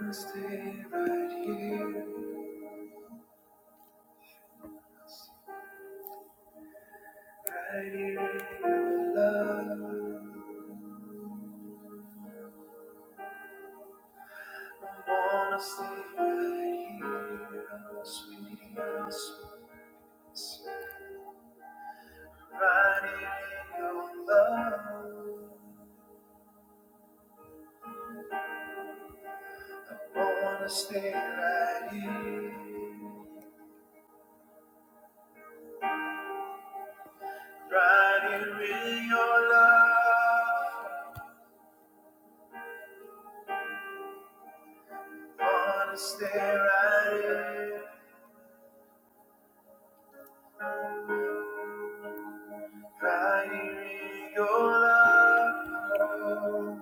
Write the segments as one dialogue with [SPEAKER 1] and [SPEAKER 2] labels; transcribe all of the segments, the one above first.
[SPEAKER 1] wanna stay right here, right here in your love. I wanna stay right here, oh sweetie, oh sweet. sweet. Right here in your love. I wanna stay right here, right here in your love. I Wanna stay right here. Riding in your love, oh.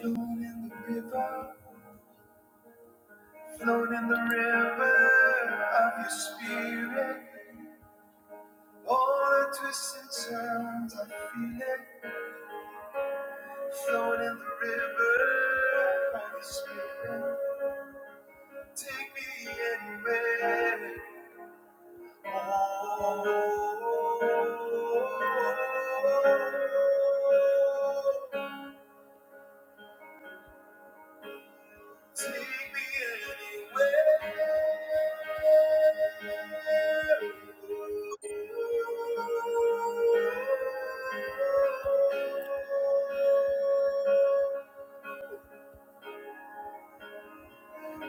[SPEAKER 1] flown in the river, flown in the river of your spirit. All the twists and turns, I feel it. Flown in the river of your spirit. Take me anywhere. oh. Take me anywhere.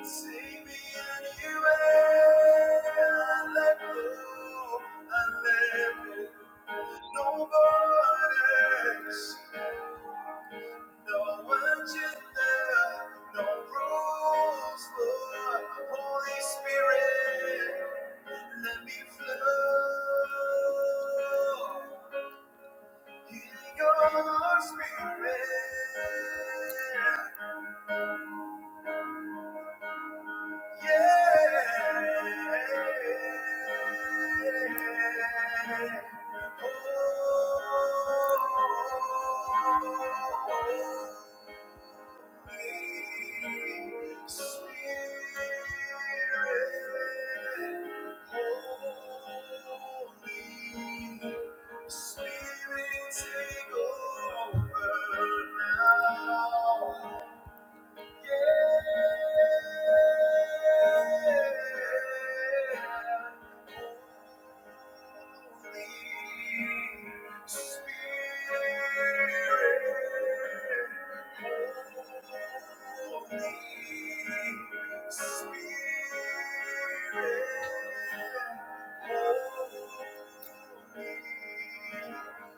[SPEAKER 1] Take me anywhere. I let go. I let go. No borders. No agenda. No rules. Lord. Holy Spirit, let me flow. Your spirit, yeah. Oh, Holy Spirit, yeah. Holy Spirit, take over now.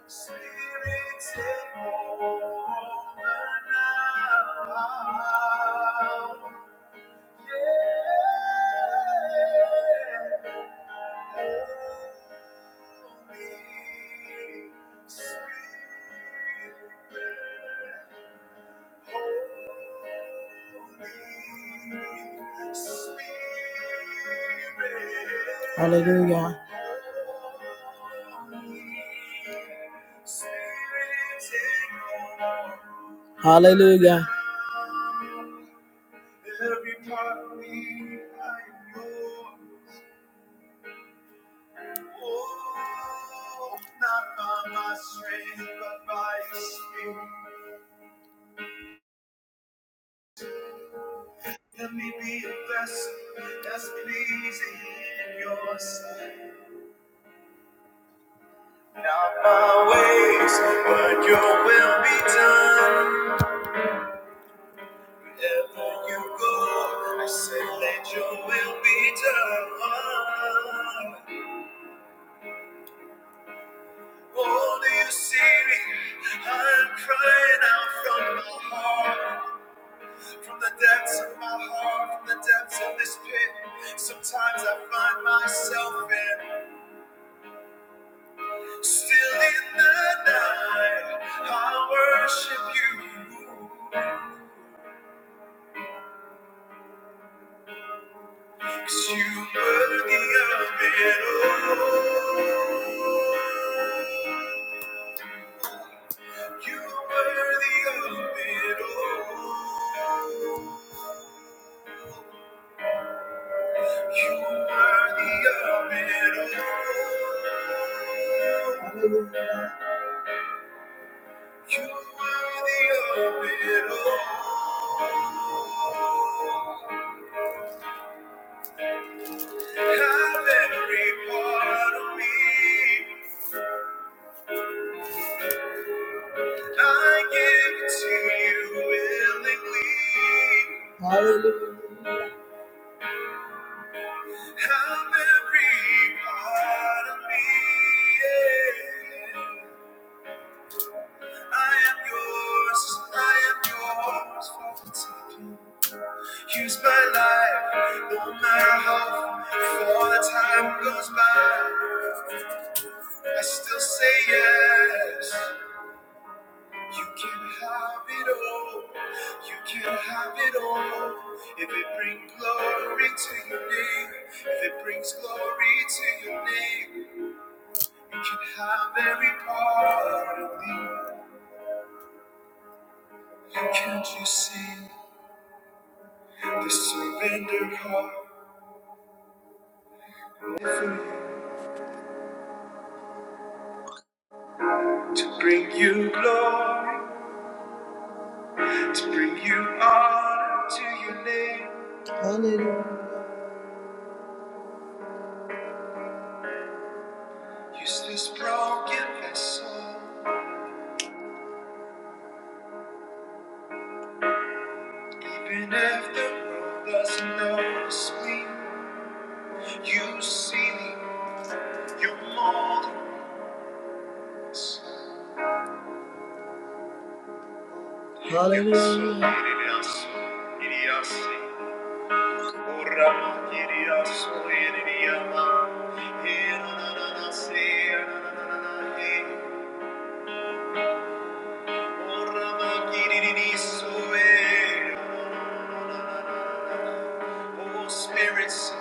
[SPEAKER 1] Spirit, take over now. Hallelujah. Hallelujah. Every part of me, I am yours. Oh, not by my strength, but by your spirit. Let me be a vessel that's pleasing in your sight. Not my ways, but your will be done. Wherever you go, I say, let your will be done. Oh, do you see me? I'm crying out from my heart, from the depths of my heart, from the depths of this pit. Sometimes I find myself in, still in the night. I worship you, 'cause you were worthy of it all. You were worthy of it all. You are the open all. You are the open all. Have every part of me. I give it to you willingly. Hallelujah. Have every part of me. Yeah. I am yours, I am yours for the taking. Use my life, no matter how far the time goes by. I still say yes. You can have it all. You can have it all. If it brings glory to your name, if it brings glory to your name, you can have every part of me. Can't you see? To surrender heart to bring you glory, to bring you honor to your name. Hallelujah. Use this broken vessel, even if the world doesn't notice me. You see me, you mold us. Hallelujah. Spirits,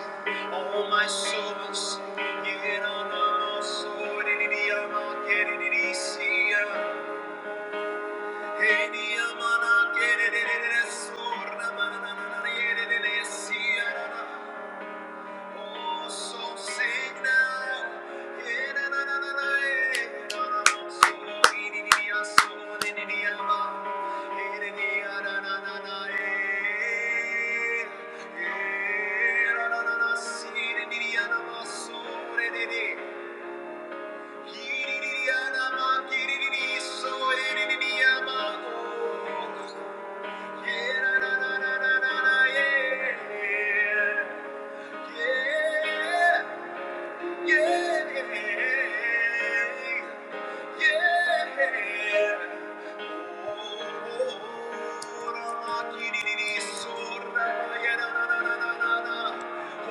[SPEAKER 1] oh my souls, you know, no, my so did it, I'm not getting it easy. Hey, I'm not it, it's so, i Yeah. Yeah, yeah.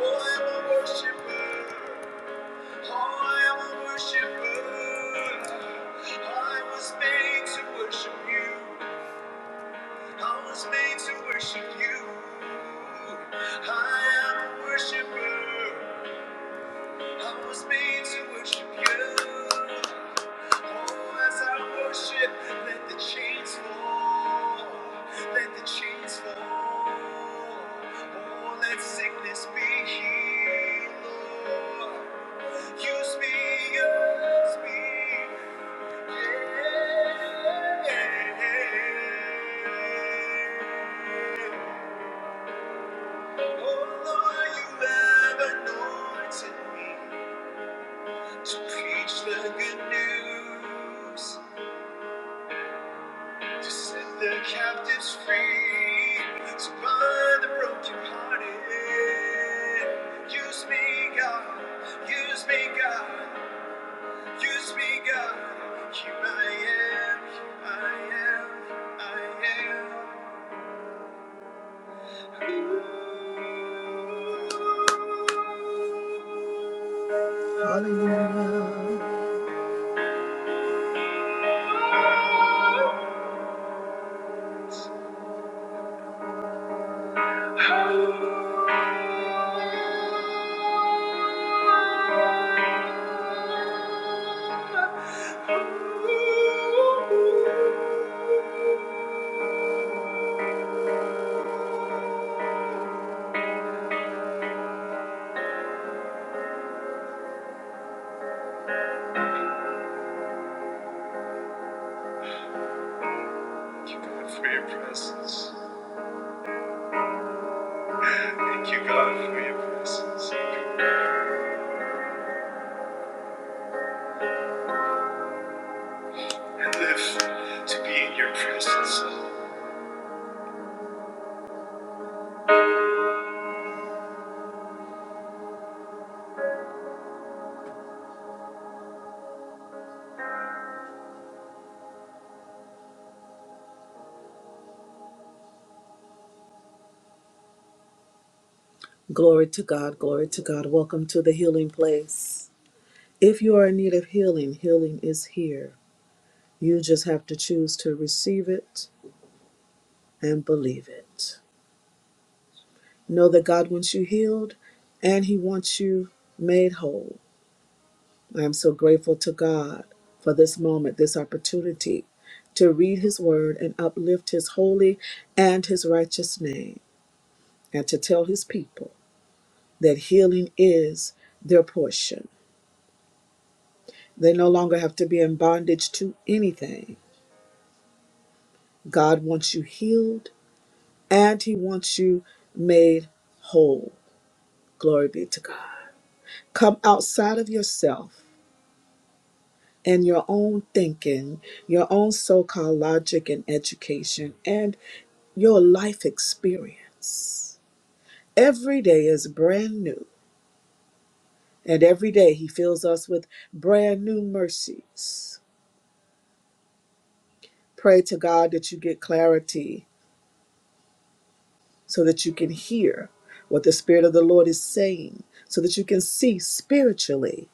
[SPEAKER 1] Oh, I'm a worshiper. Oh, I'm a worshiper. I was made to worship you. I was made to worship you. I am a worshiper. I was made to worship you. Oh, as I worship, let the chains fall. Let the chains fall. Oh, let sickness be healed, Lord. Use me, use me. Yeah. Oh, Lord, you have anointed me. To preach the good news, to set the captives free, to bind the brokenhearted. Use me, God, use me, God, use me, God. Here I am, here I am, I am. Hallelujah. Thank you, God, for your presence. Thank you, God, for your presence. And live to be in your presence, Lord. Glory to God, glory to God. Welcome to the healing place. If you are in need of healing, healing is here. You just have to choose to receive it and believe it. Know that God wants you healed and He wants you made whole. I am so grateful to God for this moment, this opportunity to read His word and uplift His holy and His righteous name, and to tell His people that healing is their portion They no longer have to be in bondage to anything. God wants you healed and He wants you made whole. Glory be to God. Come outside of yourself and your own thinking, your own so called logic and education, and your life experience. Every day is brand new, and every day He fills us with brand new mercies. Pray to God that you get clarity so that you can hear what the Spirit of the Lord is saying, so that you can see spiritually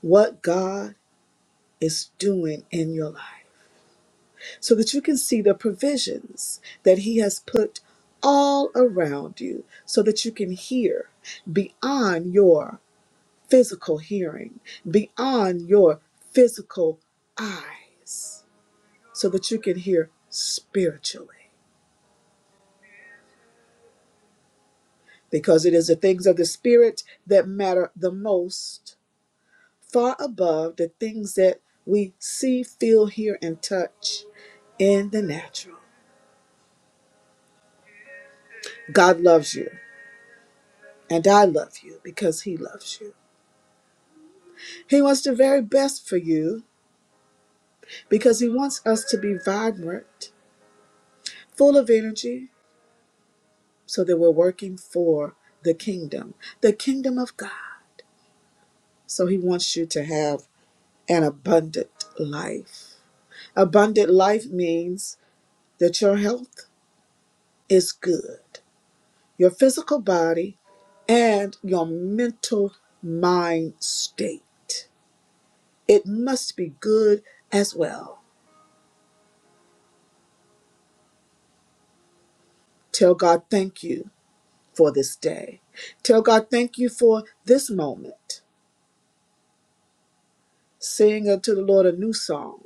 [SPEAKER 1] what God is doing in your life, so that you can see the provisions that He has put all around you, so that you can hear beyond your physical hearing, beyond your physical eyes, so that you can hear spiritually. Because it is the things of the Spirit that matter the most far above the things that we see, feel, hear, and touch in the natural. God loves you, and I love you because He loves you. He wants the very best for you because He wants us to be vibrant, full of energy, so that we're working for the kingdom, the kingdom of God. So He wants you to have an abundant life. Abundant life means that your health is good. Your physical body and your mental mind state. It must be good as well. Tell God thank you for this day. Tell God thank you for this moment. Sing unto the Lord a new song.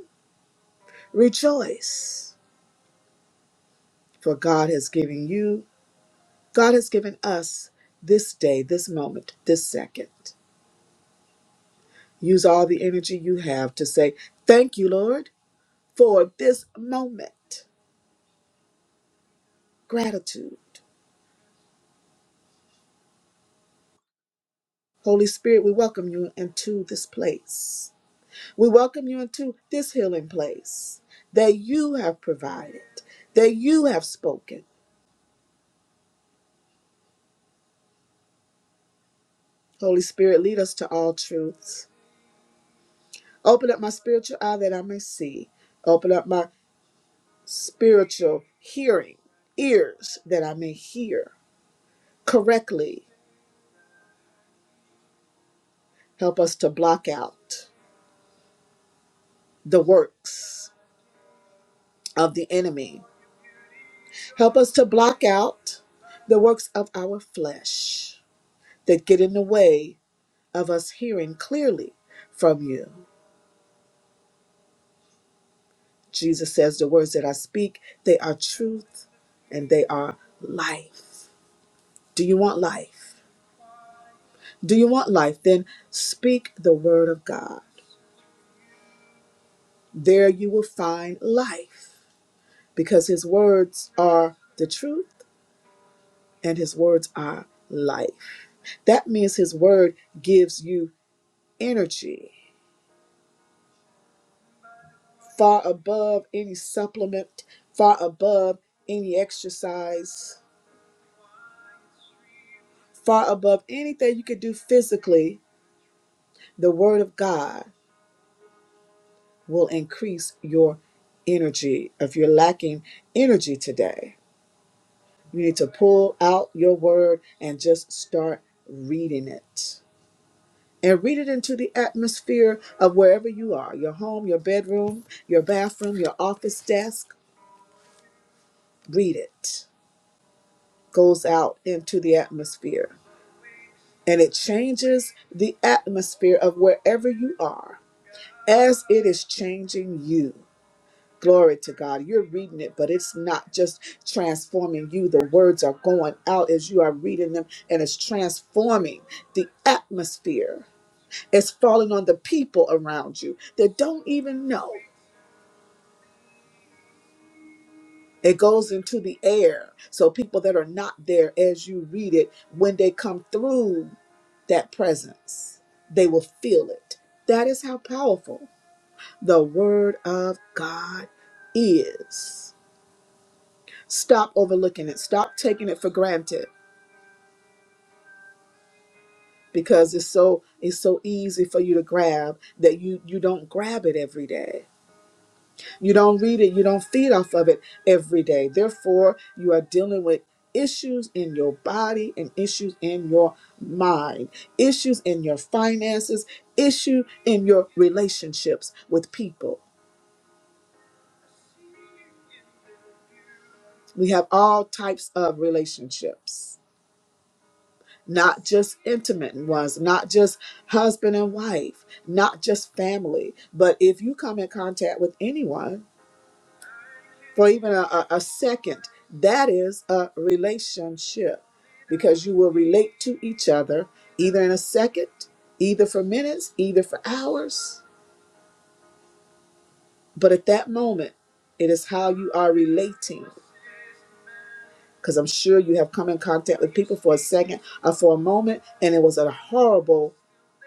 [SPEAKER 1] Rejoice, for God has given you, God has given us this day, this moment, this second. Use all the energy you have to say, Thank you, Lord, for this moment. Gratitude. Holy Spirit, we welcome you into this place. We welcome you into this healing place that you have provided, that you have spoken. Holy Spirit, lead us to all truths. Open up my spiritual eye that I may see. Open up my spiritual hearing, ears that I may hear correctly. Help us to block out the works of the enemy. Help us to block out the works of our flesh. that get in the way of us hearing clearly from you. Jesus says, The words that I speak, they are truth and they are life. Do you want life? Do you want life? Then speak the word of God. There you will find life because his words are the truth and his words are life. That means his word gives you energy far above any supplement, far above any exercise, far above anything you could do physically, the Word of God will increase your energy. If you're lacking energy today, you need to pull out your Word and just start reading it. And read it into the atmosphere of wherever you are your home, your bedroom, your bathroom, your office desk. Read it. Goes out into the atmosphere. And it changes the atmosphere of wherever you are as it is changing you. Glory to God. You're reading it, but it's not just transforming you. The words are going out as you are reading them, and it's transforming the atmosphere. It's falling on the people around you that don't even know. It goes into the air. So people that are not there as you read it, when they come through that presence, they will feel it. That is how powerful the Word of God is. stop overlooking it stop taking it for granted because it's so it's so easy for you to grab that you you don't grab it every day you don't read it you don't feed off of it every day therefore you are dealing with issues in your body and issues in your mind issues in your finances issue in your relationships with people we have all types of relationships not just intimate ones, not just husband and wife, not just family, but if you come in contact with anyone for even a, a, a second, that is a relationship because you will relate to each other either in a second, either for minutes, either for hours. But at that moment, it is how you are relating. Because I'm sure you have come in contact with people for a second or for a moment, and it was a horrible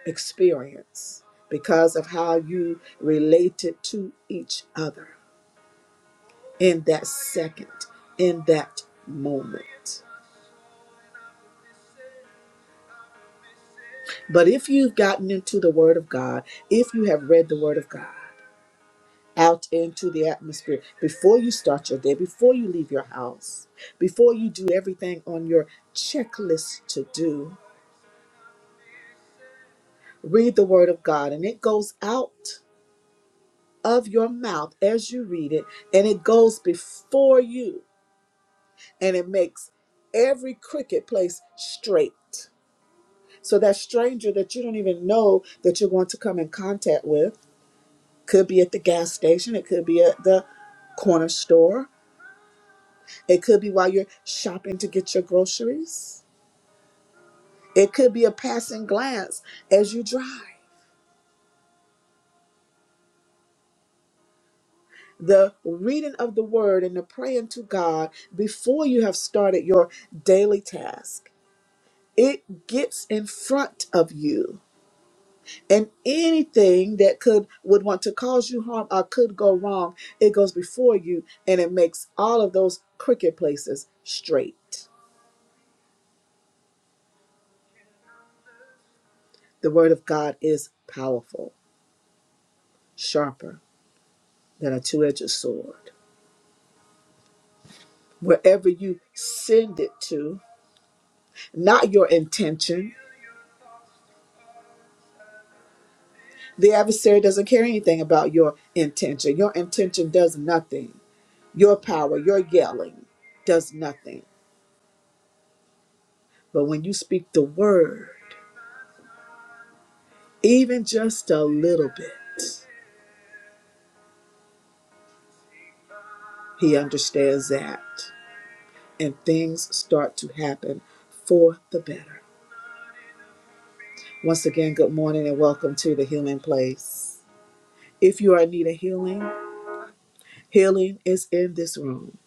[SPEAKER 1] experience because of how you related to each other in that second, in that moment. But if you've gotten into the Word of God, if you have read the Word of God, out into the atmosphere before you start your day, before you leave your house, before you do everything on your checklist to do, read the Word of God and it goes out of your mouth as you read it and it goes before you and it makes every cricket place straight. So that stranger that you don't even know that you're going to come in contact with could be at the gas station, it could be at the corner store, it could be while you're shopping to get your groceries, it could be a passing glance as you drive. The reading of the word and the praying to God before you have started your daily task, it gets in front of you and anything that could would want to cause you harm or could go wrong it goes before you and it makes all of those crooked places straight the word of god is powerful sharper than a two-edged sword wherever you send it to not your intention the adversary doesn't care anything about your intention your intention does nothing your power your yelling does nothing but when you speak the word even just a little bit, he understands that. And things start to happen for the better. Once again, good morning and welcome to the healing place. If you are in need of healing, healing is in this room.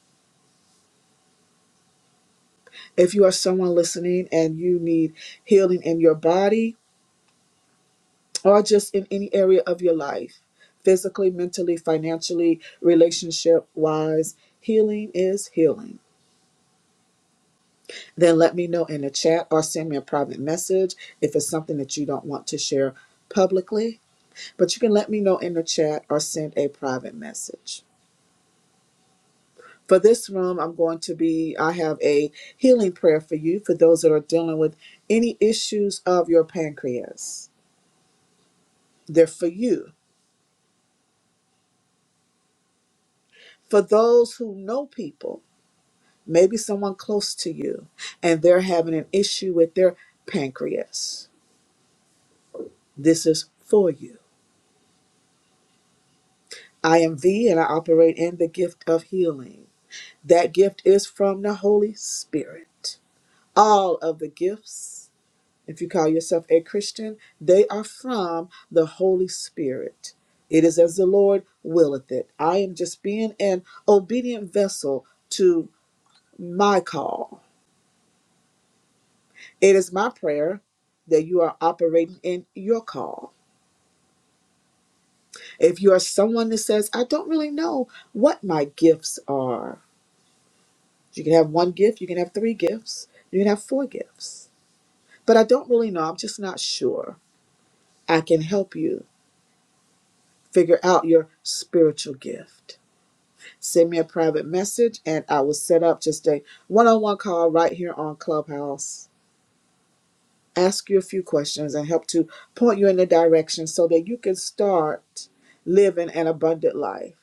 [SPEAKER 1] If you are someone listening and you need healing in your body or just in any area of your life, physically, mentally, financially, relationship wise, healing is healing. then let me know in the chat or send me a private message if it's something that you don't want to share publicly. But you can let me know in the chat or send a private message. For this room, I'm going to be, I have a healing prayer for you for those that are dealing with any issues of your pancreas. They're for you. For those who know people, maybe someone close to you, and they're having an issue with their pancreas, this is for you. I am V and I operate in the gift of healing. That gift is from the Holy Spirit. All of the gifts, if you call yourself a Christian, they are from the Holy Spirit. It is as the Lord willeth it. I am just being an obedient vessel to my call. It is my prayer that you are operating in your call. If you are someone that says, I don't really know what my gifts are, You can have one gift, you can have three gifts, you can have four gifts. But I don't really know, I'm just not sure. I can help you figure out your spiritual gift. Send me a private message and I will set up just a one on one call right here on Clubhouse. Ask you a few questions and help to point you in the direction so that you can start living an abundant life.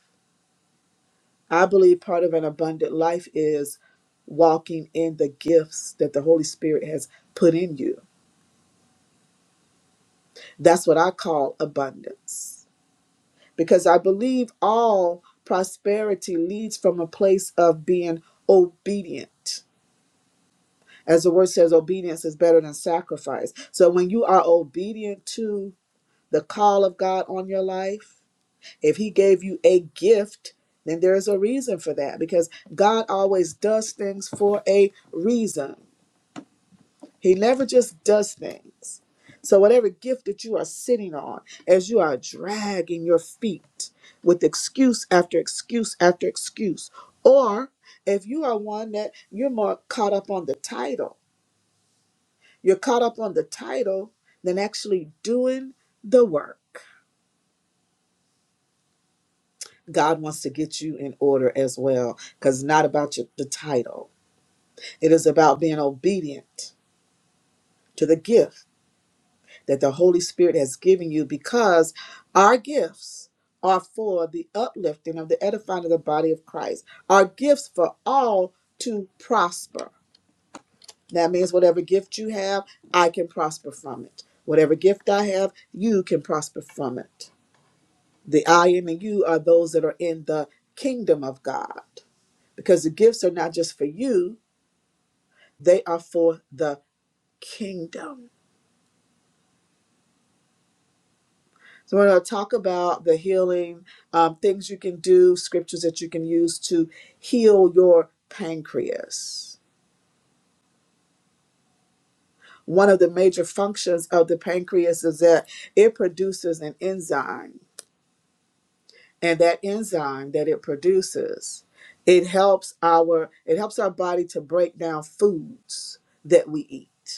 [SPEAKER 1] I believe part of an abundant life is walking in the gifts that the Holy Spirit has put in you That's what I call abundance. Because I believe all prosperity leads from a place of being obedient. As the word says, obedience is better than sacrifice. So when you are obedient to the call of God on your life, if He gave you a gift, then there is a reason for that because God always does things for a reason. He never just does things. So, whatever gift that you are sitting on, as you are dragging your feet with excuse after excuse after excuse, or if you are one that you're more caught up on the title, you're caught up on the title than actually doing the work. God wants to get you in order as well, because it's not about your, the title, it is about being obedient to the gift that the Holy Spirit has given you because our gifts are for the uplifting of the edifying of the body of Christ, Our gifts for all to prosper. That means whatever gift you have, I can prosper from it. Whatever gift I have, you can prosper from it. The I and the you are those that are in the kingdom of God because the gifts are not just for you, they are for the kingdom. So we're going to talk about the healing, um, things you can do, scriptures that you can use to heal your pancreas. One of the major functions of the pancreas is that it produces an enzyme, and that enzyme that it produces, it helps our it helps our body to break down foods that we eat.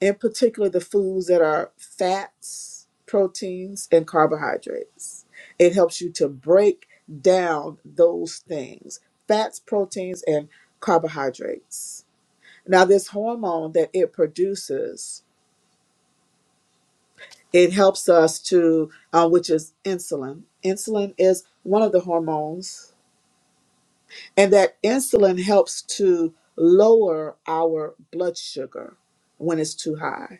[SPEAKER 1] in particular the foods that are fats, proteins, and carbohydrates. It helps you to break down those things fats, proteins, and carbohydrates. Now, this hormone that it produces, it helps us to, uh, which is insulin. Insulin is one of the hormones, and that insulin helps to lower our blood sugar when it's too high.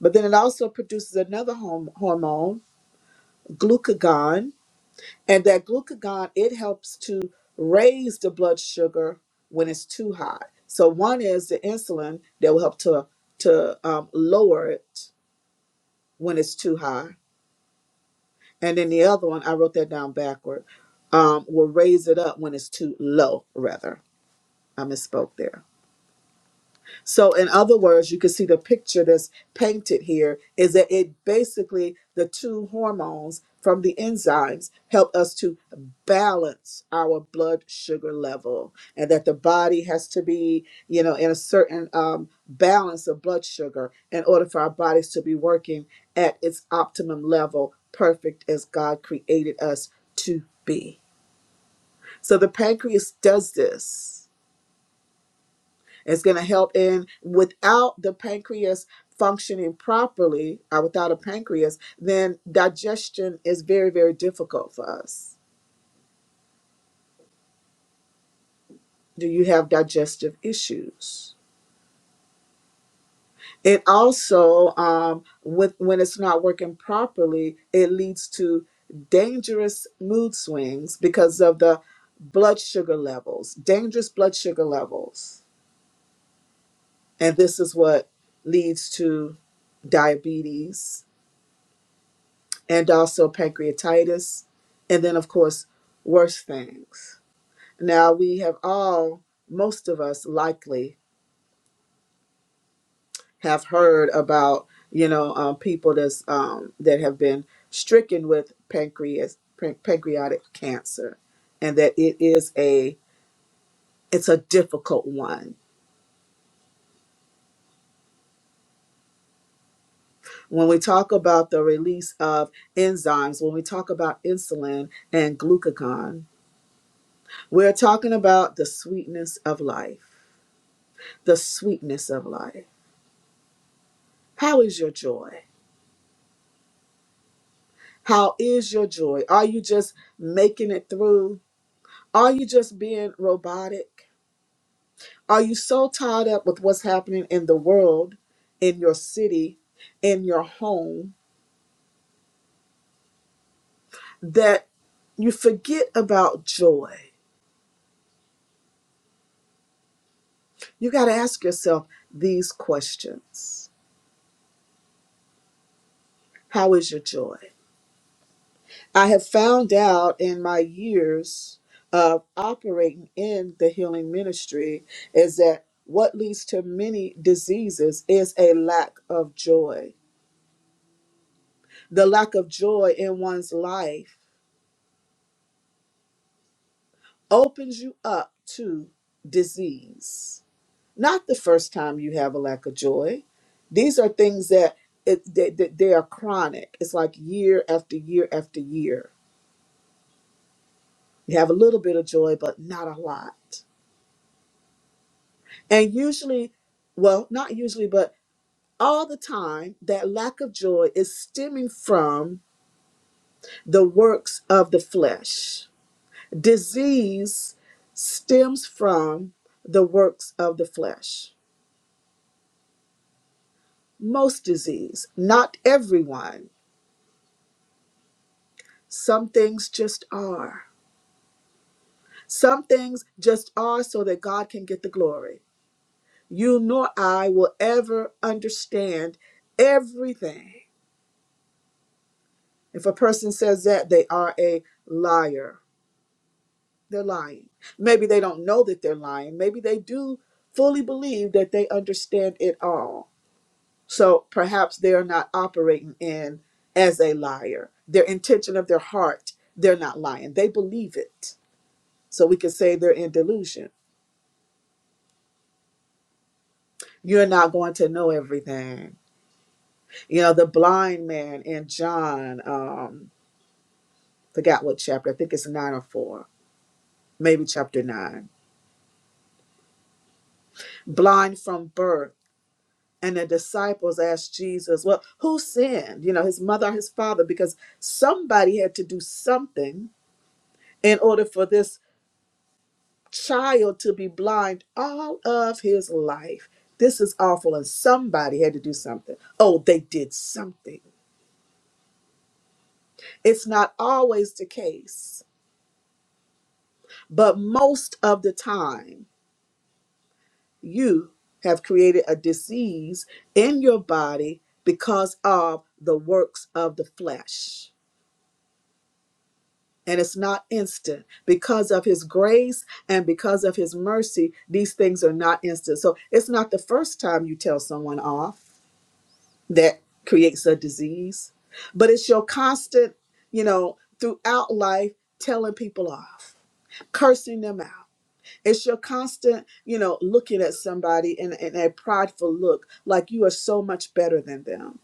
[SPEAKER 1] But then it also produces another horm- hormone glucagon and that glucagon it helps to raise the blood sugar when it's too high so one is the insulin that will help to to um, lower it when it's too high and then the other one i wrote that down backward um, will raise it up when it's too low rather i misspoke there So, in other words, you can see the picture that's painted here is that it basically the two hormones from the enzymes help us to balance our blood sugar level, and that the body has to be, you know, in a certain um, balance of blood sugar in order for our bodies to be working at its optimum level, perfect as God created us to be. So, the pancreas does this it's going to help in without the pancreas functioning properly, or without a pancreas, then digestion is very, very difficult for us. Do you have digestive issues? It also, um, with when it's not working properly, it leads to dangerous mood swings because of the blood sugar levels, dangerous blood sugar levels, and this is what leads to diabetes and also pancreatitis, and then, of course, worse things. Now, we have all, most of us likely, have heard about, you know, um, people that's, um, that have been stricken with pancreas, pan- pancreatic cancer, and that it is a, it's a difficult one. When we talk about the release of enzymes, when we talk about insulin and glucagon, we're talking about the sweetness of life the sweetness of life. How is your joy? How is your joy? Are you just making it through? Are you just being robotic? Are you so tied up with what's happening in the world, in your city, in your home, that you forget about joy? You got to ask yourself these questions How is your joy? I have found out in my years of operating in the healing ministry is that what leads to many diseases is a lack of joy. The lack of joy in one's life opens you up to disease. Not the first time you have a lack of joy. These are things that it, they, they they are chronic. It's like year after year after year. You have a little bit of joy, but not a lot. And usually, well, not usually, but all the time, that lack of joy is stemming from the works of the flesh. Disease stems from the works of the flesh. Most disease, not everyone. Some things just are. Some things just are so that God can get the glory. You nor I will ever understand everything. If a person says that, they are a liar They're lying. Maybe they don't know that they're lying. Maybe they do fully believe that they understand it all. So perhaps they're not operating in as a liar. Their intention of their heart, they're not lying. They believe it. So we could say they're in delusion. You're not going to know everything. You know, the blind man in John, um, forgot what chapter, I think it's nine or four, maybe chapter nine. Blind from birth And the disciples asked Jesus, Well, who sinned? You know, his mother or his father? Because somebody had to do something in order for this child to be blind all of his life. This is awful. And somebody had to do something. Oh, they did something. It's not always the case, but most of the time, you have created a disease in your body because of the works of the flesh and it's not instant because of his grace and because of his mercy these things are not instant so it's not the first time you tell someone off that creates a disease but it's your constant you know throughout life telling people off cursing them out it's your constant you know looking at somebody in, in a prideful look like you are so much better than them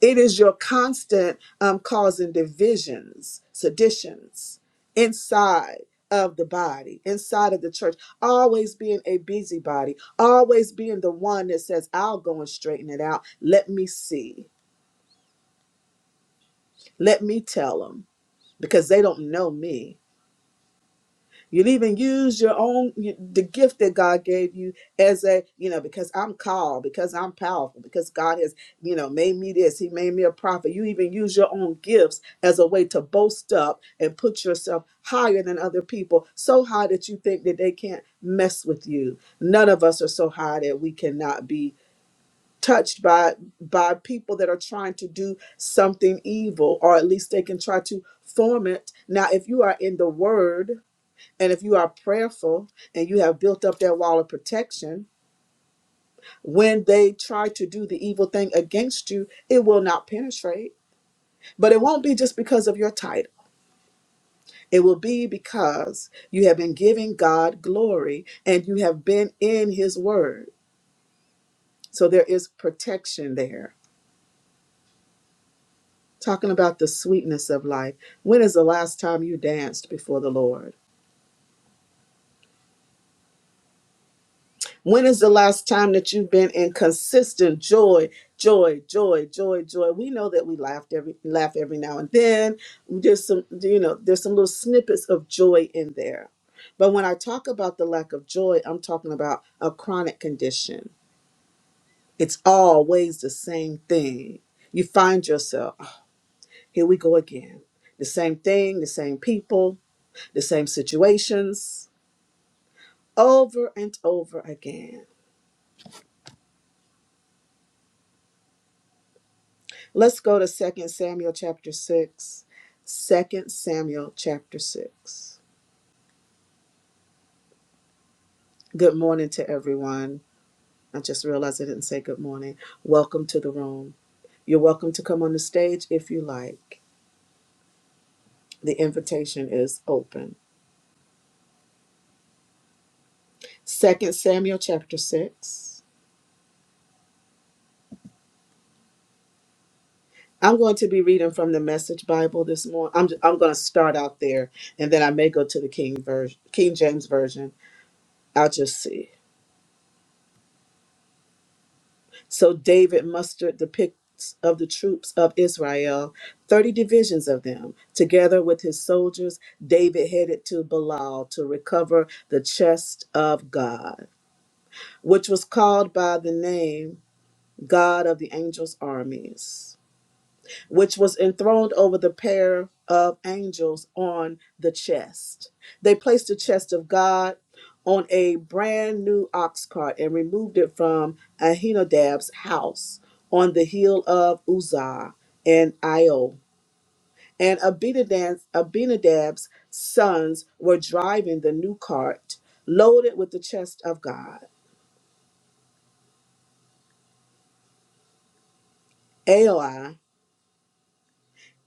[SPEAKER 1] It is your constant um, causing divisions, seditions inside of the body, inside of the church, always being a busybody, always being the one that says, I'll go and straighten it out. Let me see. Let me tell them because they don't know me. You'll even use your own the gift that God gave you as a you know because I'm called because I'm powerful because God has you know made me this He made me a prophet. You even use your own gifts as a way to boast up and put yourself higher than other people, so high that you think that they can't mess with you. None of us are so high that we cannot be touched by by people that are trying to do something evil or at least they can try to form it now if you are in the word and if you are prayerful and you have built up that wall of protection, when they try to do the evil thing against you, it will not penetrate. But it won't be just because of your title. It will be because you have been giving God glory and you have been in his word. So there is protection there. Talking about the sweetness of life. When is the last time you danced before the Lord? When is the last time that you've been in consistent joy, joy, joy, joy, joy? We know that we laughed every laugh every now and then. There's some, you know, there's some little snippets of joy in there. But when I talk about the lack of joy, I'm talking about a chronic condition. It's always the same thing. You find yourself, "Ah, here we go again. The same thing, the same people, the same situations, over and over again. Let's go to Second Samuel chapter 6. Second Samuel chapter 6. Good morning to everyone. I just realized I didn't say good morning. Welcome to the room. You're welcome to come on the stage if you like. The invitation is open. Second Samuel chapter 6. I'm going to be reading from the Message Bible this morning. I'm, I'm going to start out there and then I may go to the King, version, King James Version. I'll just see. So David mustered the picks of the troops of Israel, 30 divisions of them. Together with his soldiers, David headed to Belial to recover the chest of God, which was called by the name God of the angels' armies which was enthroned over the pair of angels on the chest. They placed the chest of God on a brand new ox cart and removed it from Ahinadab's house on the hill of Uzzah and Io. And Abinadab, Abinadab's sons were driving the new cart loaded with the chest of God. Ai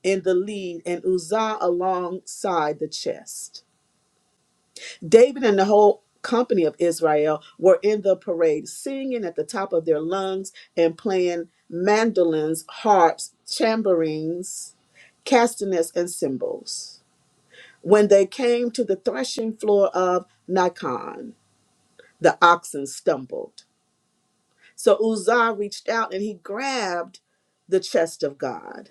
[SPEAKER 1] in the lead and Uzzah alongside the chest. David and the whole company of Israel were in the parade, singing at the top of their lungs and playing mandolins, harps, tambourines, castanets, and cymbals. When they came to the threshing floor of Nikon, the oxen stumbled. So Uzzah reached out and he grabbed the chest of God.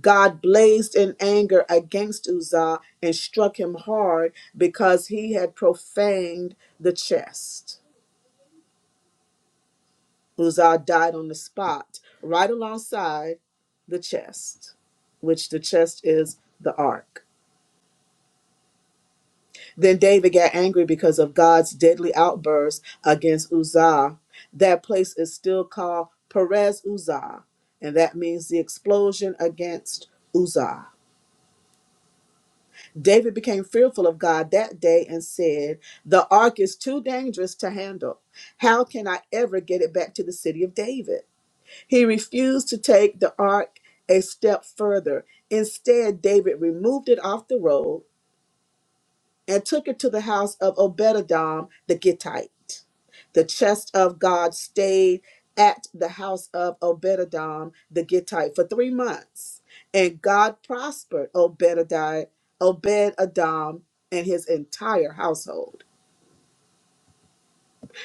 [SPEAKER 1] God blazed in anger against Uzzah and struck him hard because he had profaned the chest. Uzzah died on the spot, right alongside the chest, which the chest is the ark. Then David got angry because of God's deadly outburst against Uzzah. That place is still called Perez Uzzah, and that means the explosion against Uzzah. David became fearful of God that day and said, The ark is too dangerous to handle. How can I ever get it back to the city of David? He refused to take the ark a step further. Instead, David removed it off the road and took it to the house of Obededom the Gittite. The chest of God stayed at the house of Obededom the Gittite for three months, and God prospered Obededi- Obed-Edom and his entire household.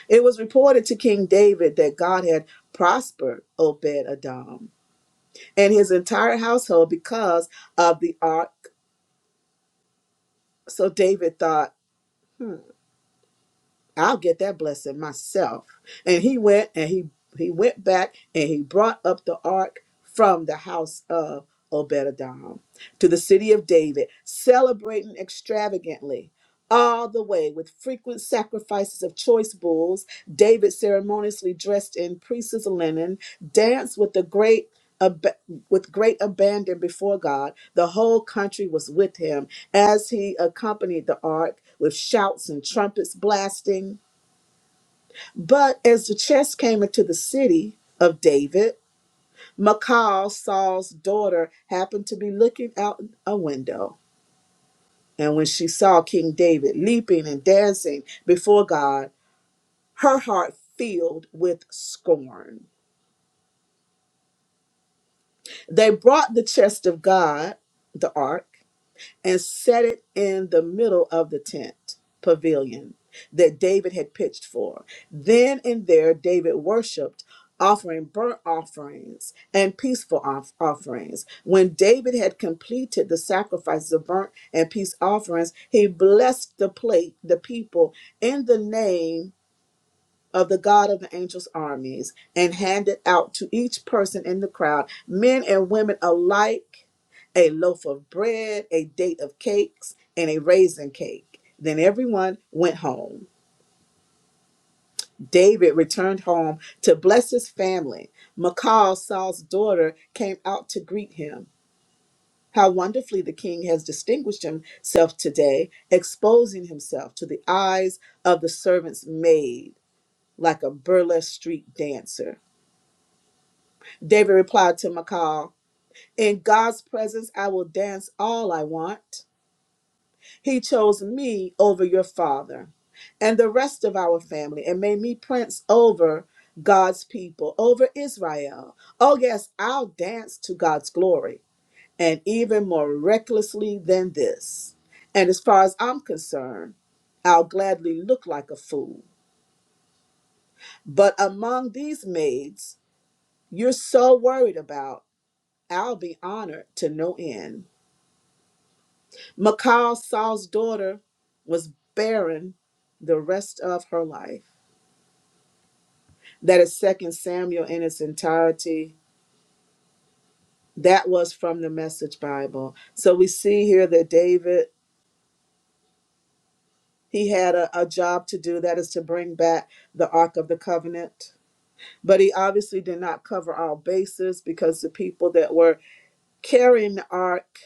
[SPEAKER 1] It was reported to King David that God had prospered Obed-Edom and his entire household because of the ark. So David thought, hmm, I'll get that blessing myself. And he went and he he went back and he brought up the ark from the house of Obededom to the city of David, celebrating extravagantly. All the way with frequent sacrifices of choice bulls, David ceremoniously dressed in priest's linen, danced with the great ab- with great abandon before God. The whole country was with him as he accompanied the ark with shouts and trumpets blasting. But as the chest came into the city of David, Michal, Saul's daughter, happened to be looking out a window. And when she saw King David leaping and dancing before God, her heart filled with scorn. They brought the chest of God, the ark and set it in the middle of the tent pavilion that David had pitched for. Then and there, David worshiped, offering burnt offerings and peaceful off- offerings. When David had completed the sacrifices of burnt and peace offerings, he blessed the plate, the people, in the name of the God of the angels' armies, and handed out to each person in the crowd, men and women alike a loaf of bread, a date of cakes, and a raisin cake. Then everyone went home. David returned home to bless his family. Michal, Saul's daughter, came out to greet him. How wonderfully the king has distinguished himself today, exposing himself to the eyes of the servant's maid like a burlesque street dancer. David replied to Michal, In God's presence, I will dance all I want. He chose me over your father and the rest of our family and made me prince over God's people, over Israel. Oh, yes, I'll dance to God's glory and even more recklessly than this. And as far as I'm concerned, I'll gladly look like a fool. But among these maids you're so worried about, I'll be honored to no end. Michal, Saul's daughter, was barren the rest of her life. That is is Second Samuel in its entirety. That was from the Message Bible. So we see here that David, he had a, a job to do, that is to bring back the Ark of the Covenant. But he obviously did not cover all bases because the people that were carrying the Ark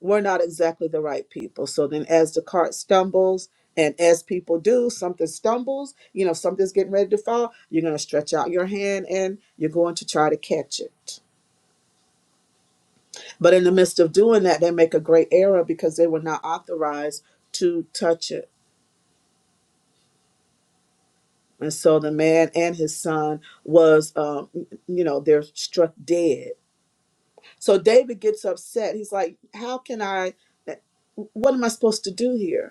[SPEAKER 1] we're not exactly the right people. So then, as the cart stumbles, and as people do, something stumbles, you know, something's getting ready to fall, you're going to stretch out your hand and you're going to try to catch it. But in the midst of doing that, they make a great error because they were not authorized to touch it. And so the man and his son was, um, you know, they're struck dead. So David gets upset. He's like, How can I, what am I supposed to do here?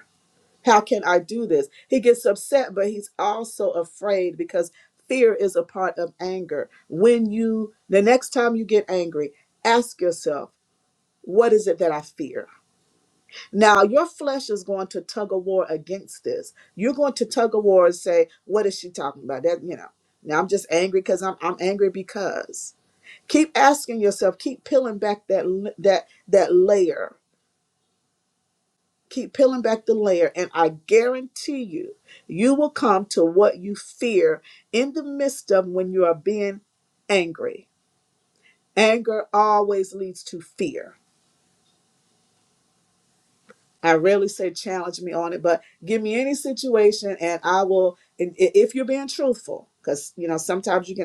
[SPEAKER 1] How can I do this? He gets upset, but he's also afraid because fear is a part of anger. When you, the next time you get angry, ask yourself, what is it that I fear? Now, your flesh is going to tug a war against this. You're going to tug a war and say, what is she talking about? That, you know, now I'm just angry because I'm, I'm angry because. Keep asking yourself, keep peeling back that, l- that, that layer keep peeling back the layer and i guarantee you you will come to what you fear in the midst of when you are being angry anger always leads to fear i rarely say challenge me on it but give me any situation and i will and i- if you're being truthful because you know sometimes you can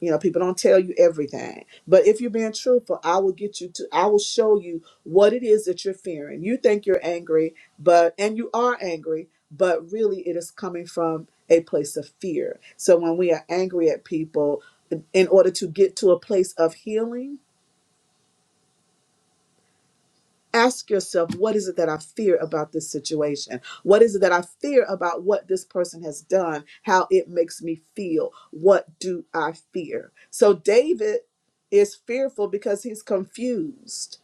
[SPEAKER 1] You know, people don't tell you everything. But if you're being truthful, I will get you to, I will show you what it is that you're fearing. You think you're angry, but, and you are angry, but really it is coming from a place of fear. So when we are angry at people, in order to get to a place of healing, Ask yourself, what is it that I fear about this situation? What is it that I fear about what this person has done, how it makes me feel? What do I fear? So, David is fearful because he's confused.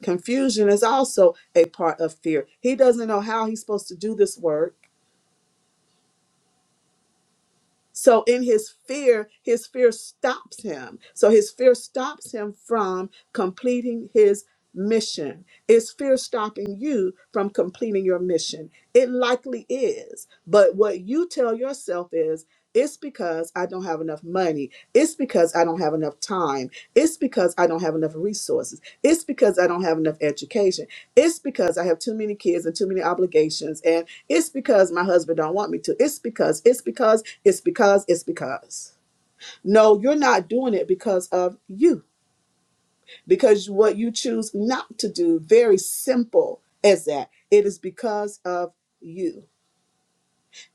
[SPEAKER 1] Confusion is also a part of fear. He doesn't know how he's supposed to do this work. So in his fear, his fear stops him. So his fear stops him from completing his mission. Is fear stopping you from completing your mission? It likely is. But what you tell yourself is, it's because I don't have enough money. It's because I don't have enough time. It's because I don't have enough resources. It's because I don't have enough education. It's because I have too many kids and too many obligations. And it's because my husband don't want me to. It's because, it's because, it's because, it's because. No, you're not doing it because of you. Because what you choose not to do, very simple as that, it is because of you.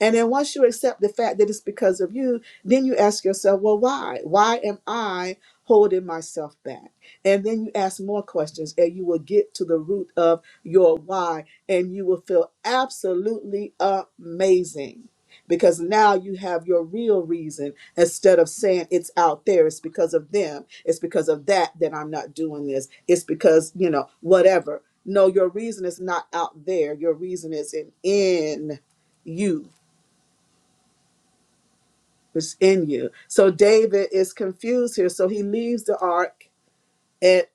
[SPEAKER 1] And then once you accept the fact that it's because of you, then you ask yourself, well, why? Why am I holding myself back? And then you ask more questions and you will get to the root of your why and you will feel absolutely amazing. Because now you have your real reason instead of saying it's out there, it's because of them, it's because of that that I'm not doing this, it's because, you know, whatever. No, your reason is not out there, your reason is in, in you was in you. So David is confused here. So he leaves the ark at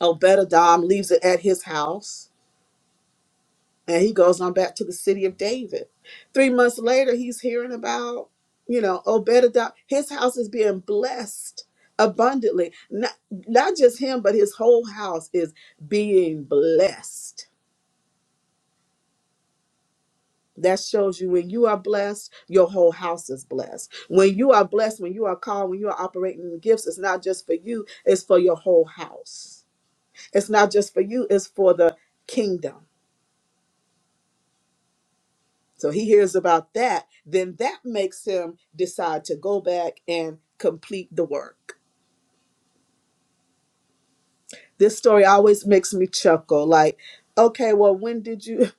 [SPEAKER 1] Obededom, leaves it at his house, and he goes on back to the city of David. Three months later, he's hearing about, you know, Obededom. His house is being blessed abundantly. Not, not just him, but his whole house is being blessed. That shows you when you are blessed, your whole house is blessed. When you are blessed, when you are called, when you are operating in the gifts, it's not just for you, it's for your whole house. It's not just for you, it's for the kingdom. So he hears about that, then that makes him decide to go back and complete the work. This story always makes me chuckle like, okay, well, when did you,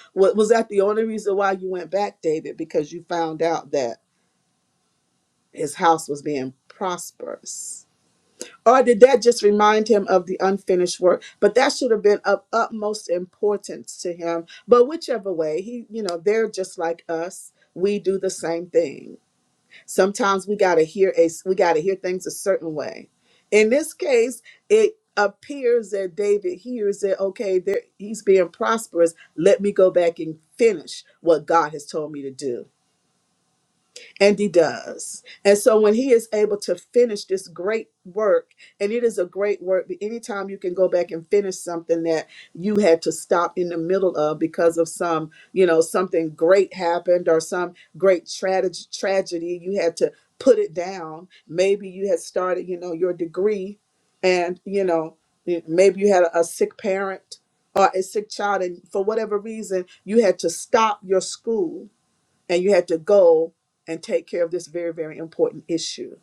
[SPEAKER 1] wa- was that the only reason why you went back, David? Because you found out that his house was being prosperous Or did that just remind him of the unfinished work? But that should have been of utmost importance to him. But whichever way, he, you know, they're just like us. We do the same thing. Sometimes we gotta hear a we gotta hear things a certain way. In this case, it appears that David hears that okay, there he's being prosperous. Let me go back and finish what God has told me to do. And he does. And so when he is able to finish this great work, and it is a great work, but anytime you can go back and finish something that you had to stop in the middle of because of some, you know, something great happened or some great tragedy tragedy, you had to put it down. Maybe you had started, you know, your degree and, you know, maybe you had a, a sick parent or a sick child and for whatever reason you had to stop your school and you had to go and take care of this very very important issue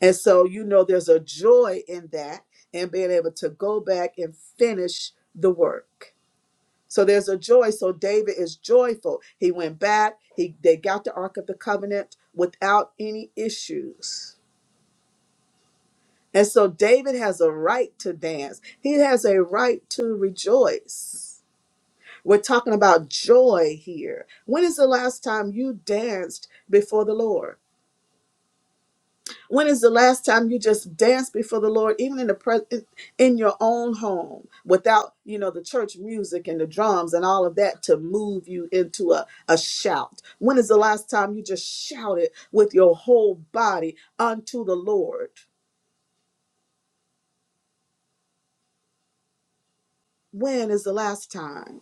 [SPEAKER 1] and so you know there's a joy in that and being able to go back and finish the work so there's a joy so david is joyful he went back he they got the ark of the covenant without any issues and so david has a right to dance he has a right to rejoice we're talking about joy here when is the last time you danced before the lord When is the last time you just danced before the Lord, even in the present, in your own home, without you know the church music and the drums and all of that to move you into a, a shout? When is the last time you just shouted with your whole body unto the Lord? When is the last time?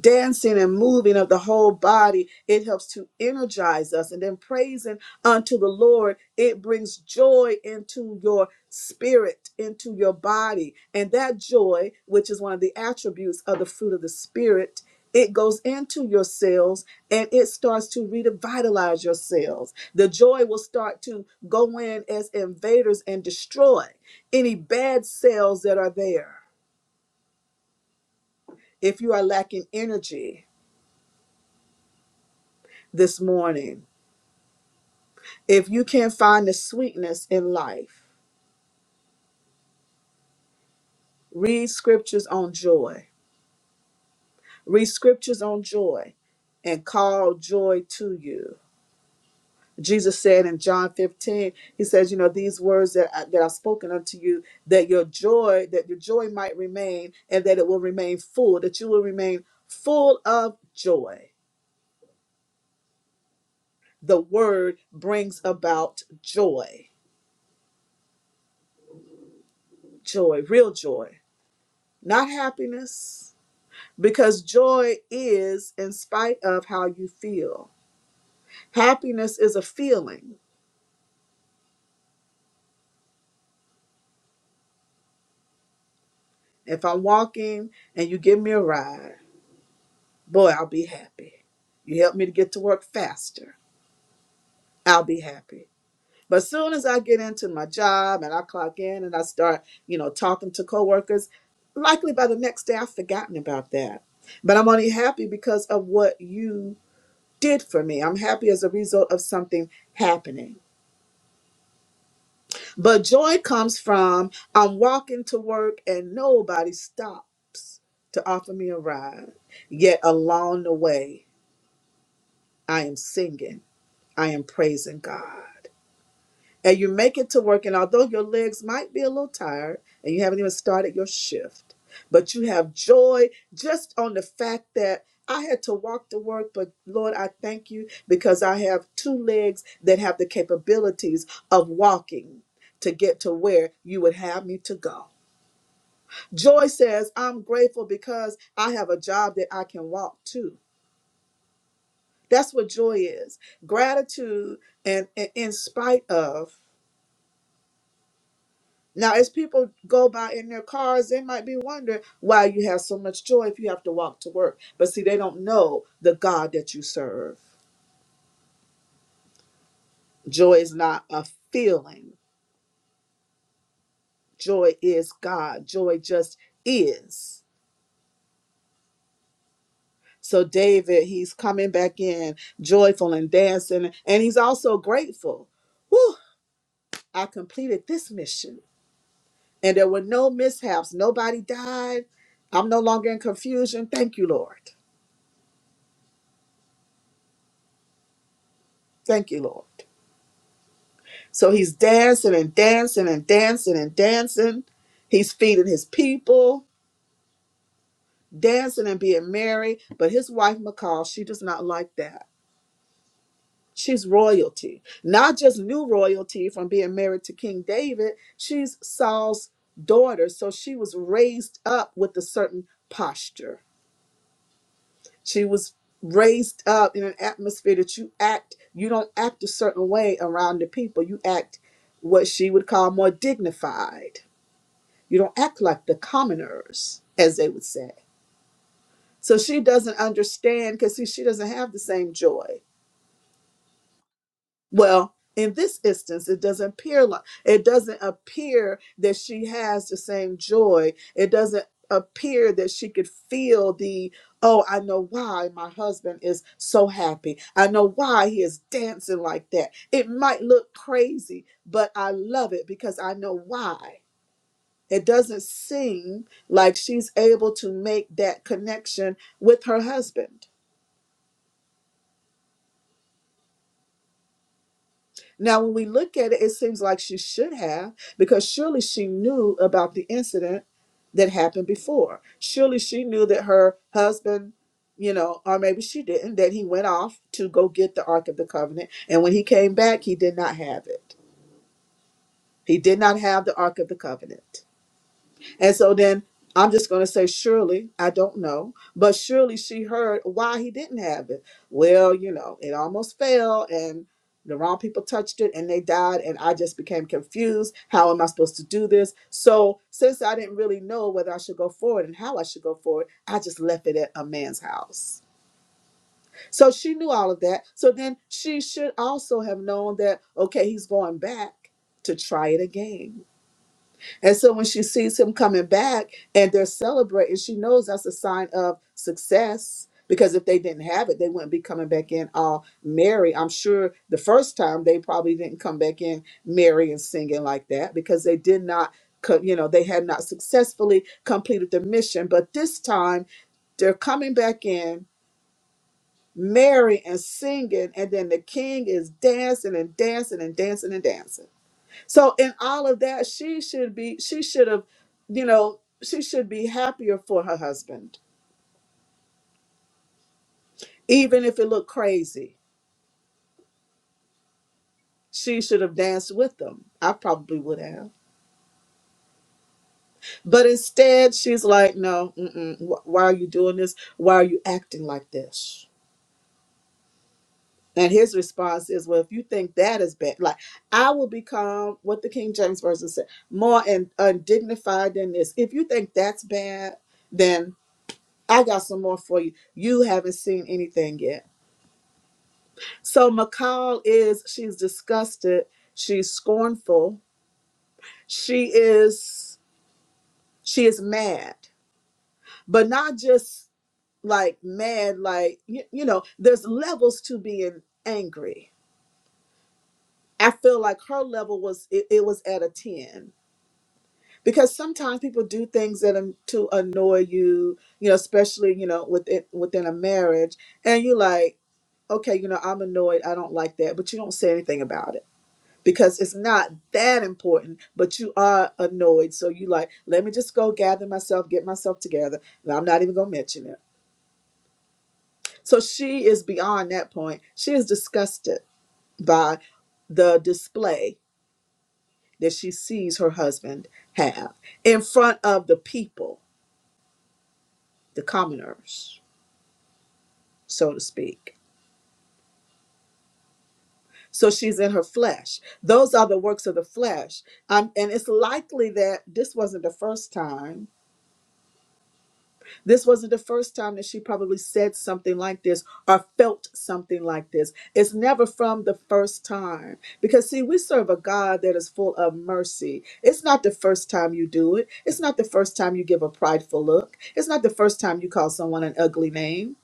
[SPEAKER 1] dancing and moving of the whole body it helps to energize us and then praising unto the lord it brings joy into your spirit into your body and that joy which is one of the attributes of the fruit of the spirit it goes into your cells and it starts to revitalize your cells. The joy will start to go in as invaders and destroy any bad cells that are there. If you are lacking energy this morning, If you can't find the sweetness in life, read scriptures on joy. Read scriptures on joy and call joy to you. Jesus said in John 15, he says, you know, these words that, I, that I've spoken unto you, that your joy, that your joy might remain and that it will remain full, that you will remain full of joy. The word brings about joy, joy, real joy, not happiness, because joy is in spite of how you feel. Happiness is a feeling. If I'm walking and you give me a ride, boy, I'll be happy. You help me to get to work faster, I'll be happy. But as soon as I get into my job and I clock in and I start, you know, talking to coworkers, likely by the next day I've forgotten about that. But I'm only happy because of what you did for me. I'm happy as a result of something happening. But joy comes from I'm walking to work and nobody stops to offer me a ride. Yet along the way, I am singing, I am praising God and you make it to work. And although your legs might be a little tired and you haven't even started your shift, but you have joy just on the fact that I had to walk to work. But Lord, I thank you because I have two legs that have the capabilities of walking to get to where you would have me to go. Joy says, I'm grateful because I have a job that I can walk to. That's what joy is. Gratitude and, and in spite of Now, as people go by in their cars, they might be wondering why you have so much joy if you have to walk to work. But see, they don't know the God that you serve. Joy is not a feeling, joy is God. Joy just is. So, David, he's coming back in joyful and dancing, and he's also grateful. Whew, I completed this mission, and there were no mishaps. Nobody died. I'm no longer in confusion. Thank you, Lord. Thank you, Lord. So he's dancing and dancing and dancing and dancing. He's feeding his people, dancing and being merry. But his wife, Michal, she does not like that. She's royalty, not just new royalty from being married to King David. She's Saul's daughter. So she was raised up with a certain posture. She was raised up in an atmosphere that you act, you don't act a certain way around the people. You act what she would call more dignified You don't act like the commoners, as they would say. So she doesn't understand because she doesn't have the same joy. Well, in this instance, it doesn't appear like it doesn't appear that she has the same joy. It doesn't appear that she could feel the oh, I know why my husband is so happy. I know why he is dancing like that. It might look crazy, but I love it because I know why. It doesn't seem like she's able to make that connection with her husband. Now, when we look at it, it seems like she should have, because surely she knew about the incident that happened before. Surely she knew that her husband, you know, or maybe she didn't, that he went off to go get the Ark of the Covenant. And when he came back, he did not have it. He did not have the Ark of the Covenant. And so then I'm just going to say, surely, I don't know, but surely she heard why he didn't have it. Well, you know, it almost fell and the wrong people touched it and they died. And I just became confused. How am I supposed to do this? So, since I didn't really know whether I should go forward and how I should go forward, I just left it at a man's house. So she knew all of that. So then she should also have known that, okay, he's going back to try it again. And so when she sees him coming back and they're celebrating, she knows that's a sign of success because if they didn't have it, they wouldn't be coming back in all merry. I'm sure the first time they probably didn't come back in merry and singing like that because they did not, co- you know, they had not successfully completed the mission. But this time they're coming back in merry and singing, and then the king is dancing and dancing and dancing and dancing. So in all of that, she should be, she should have, you know, she should be happier for her husband. Even if it looked crazy, she should have danced with them. I probably would have. But instead, she's like, no, mm-mm, wh- why are you doing this? Why are you acting like this? And his response is, well, if you think that is bad, like, I will become what the King James Version said, more and undignified than this. If you think that's bad, then I got some more for you. You haven't seen anything yet. So McCall is she's disgusted, she's scornful, she is she is mad, but not just like mad, like you, you know, there's levels to being angry. I feel like her level was it, it was at a 10 because sometimes people do things that an- to annoy you, you know, especially, you know, within within a marriage and you're like, okay, you know, I'm annoyed, I don't like that, but you don't say anything about it because it's not that important, but you are annoyed. So you like, let me just go gather myself, get myself together. And I'm not even gonna mention it. So she is beyond that point. She is disgusted by the display that she sees her husband have in front of the people, the commoners, so to speak. So she's in her flesh. Those are the works of the flesh. Um, and it's likely that this wasn't the first time This wasn't the first time that she probably said something like this or felt something like this. It's never from the first time. Because, see, we serve a God that is full of mercy. It's not the first time you do it, it's not the first time you give a prideful look, it's not the first time you call someone an ugly name.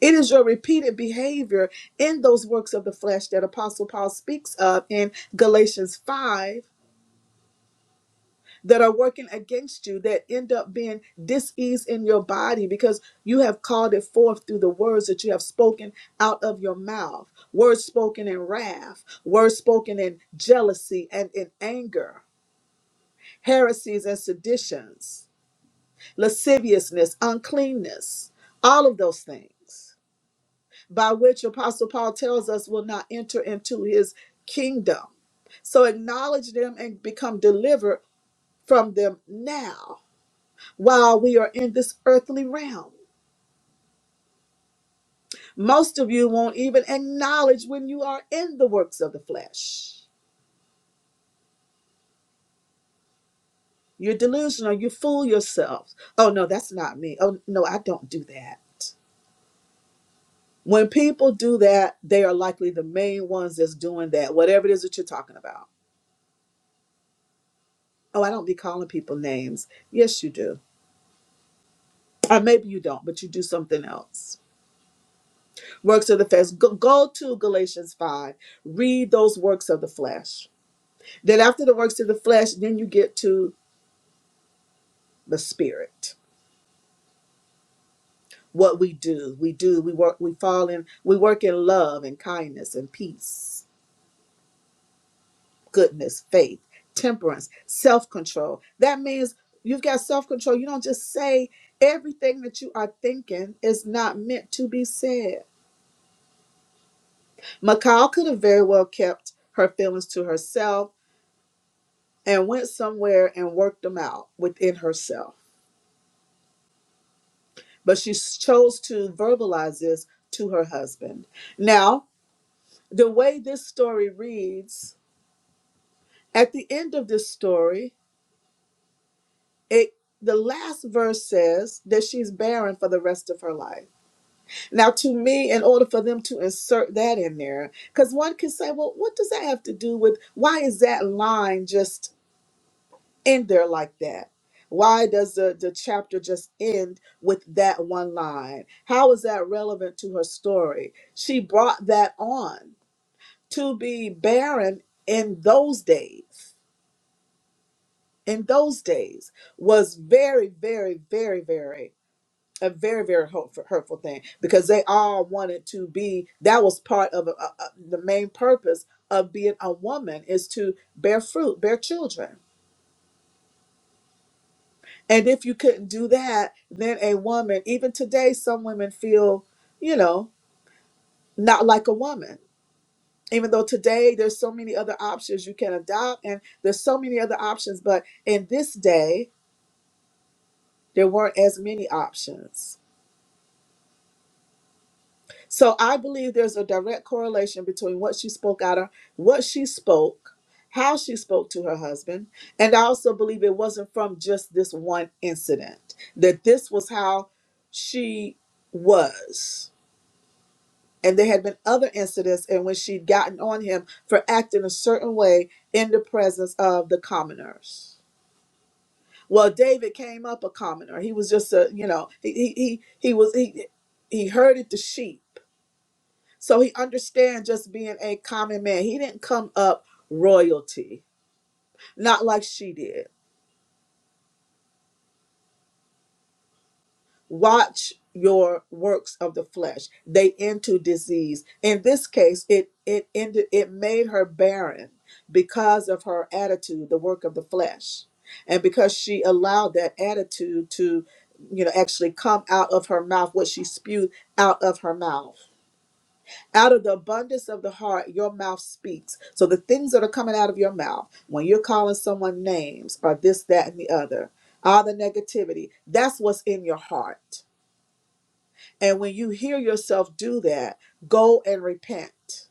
[SPEAKER 1] It is your repeated behavior in those works of the flesh that Apostle Paul speaks of in Galatians 5 that are working against you that end up being dis-ease in your body because you have called it forth through the words that you have spoken out of your mouth words spoken in wrath words spoken in jealousy and in anger heresies and seditions lasciviousness uncleanness all of those things by which apostle paul tells us will not enter into his kingdom so acknowledge them and become delivered from them now while we are in this earthly realm. Most of you won't even acknowledge when you are in the works of the flesh. You're delusional. You fool yourself. Oh, no, that's not me. Oh, no, I don't do that. When people do that, they are likely the main ones that's doing that, whatever it is that you're talking about. Oh, I don't be calling people names. Yes, you do. Or maybe you don't, but you do something else. Works of the flesh. Go, go to Galatians 5. Read those works of the flesh. Then after the works of the flesh, then you get to the spirit. What we do, we do, we work, we fall in, we work in love and kindness and peace, goodness, faith, temperance, self-control. That means you've got self-control. You don't just say everything that you are thinking is not meant to be said. Macau could have very well kept her feelings to herself and went somewhere and worked them out within herself. but she s- chose to verbalize this to her husband. Now, the way this story reads, at the end of this story, it the last verse says that she's barren for the rest of her life. Now, to me, in order for them to insert that in there, because one can say, well, what does that have to do with why is that line just end there like that? Why does the, the chapter just end with that one line? How is that relevant to her story? She brought that on to be barren in those days. In those days was very, very, very, very a very, very hurtful, hurtful thing because they all wanted to be. That was part of uh uh the main purpose of being a woman is to bear fruit, bear children And if you couldn't do that, then a woman, even today, some women feel, you know, not like a woman. Even though today there's so many other options you can adopt and there's so many other options, but in this day, there weren't as many options. So I believe there's a direct correlation between what she spoke out of, what she spoke, how she spoke to her husband, and I also believe it wasn't from just this one incident, that this was how she was And there had been other incidents in which she'd gotten on him for acting a certain way in the presence of the commoners. Well, David came up a commoner. He was just a, you know, he he he, he was he he herded the sheep. So he understands just being a common man. He didn't come up royalty, not like she did. watch your works of the flesh they end to disease in this case it it ended it made her barren because of her attitude the work of the flesh and because she allowed that attitude to you know actually come out of her mouth what she spewed out of her mouth out of the abundance of the heart your mouth speaks so the things that are coming out of your mouth when you're calling someone names or this that and the other all the negativity that's what's in your heart and when you hear yourself do that, go and repent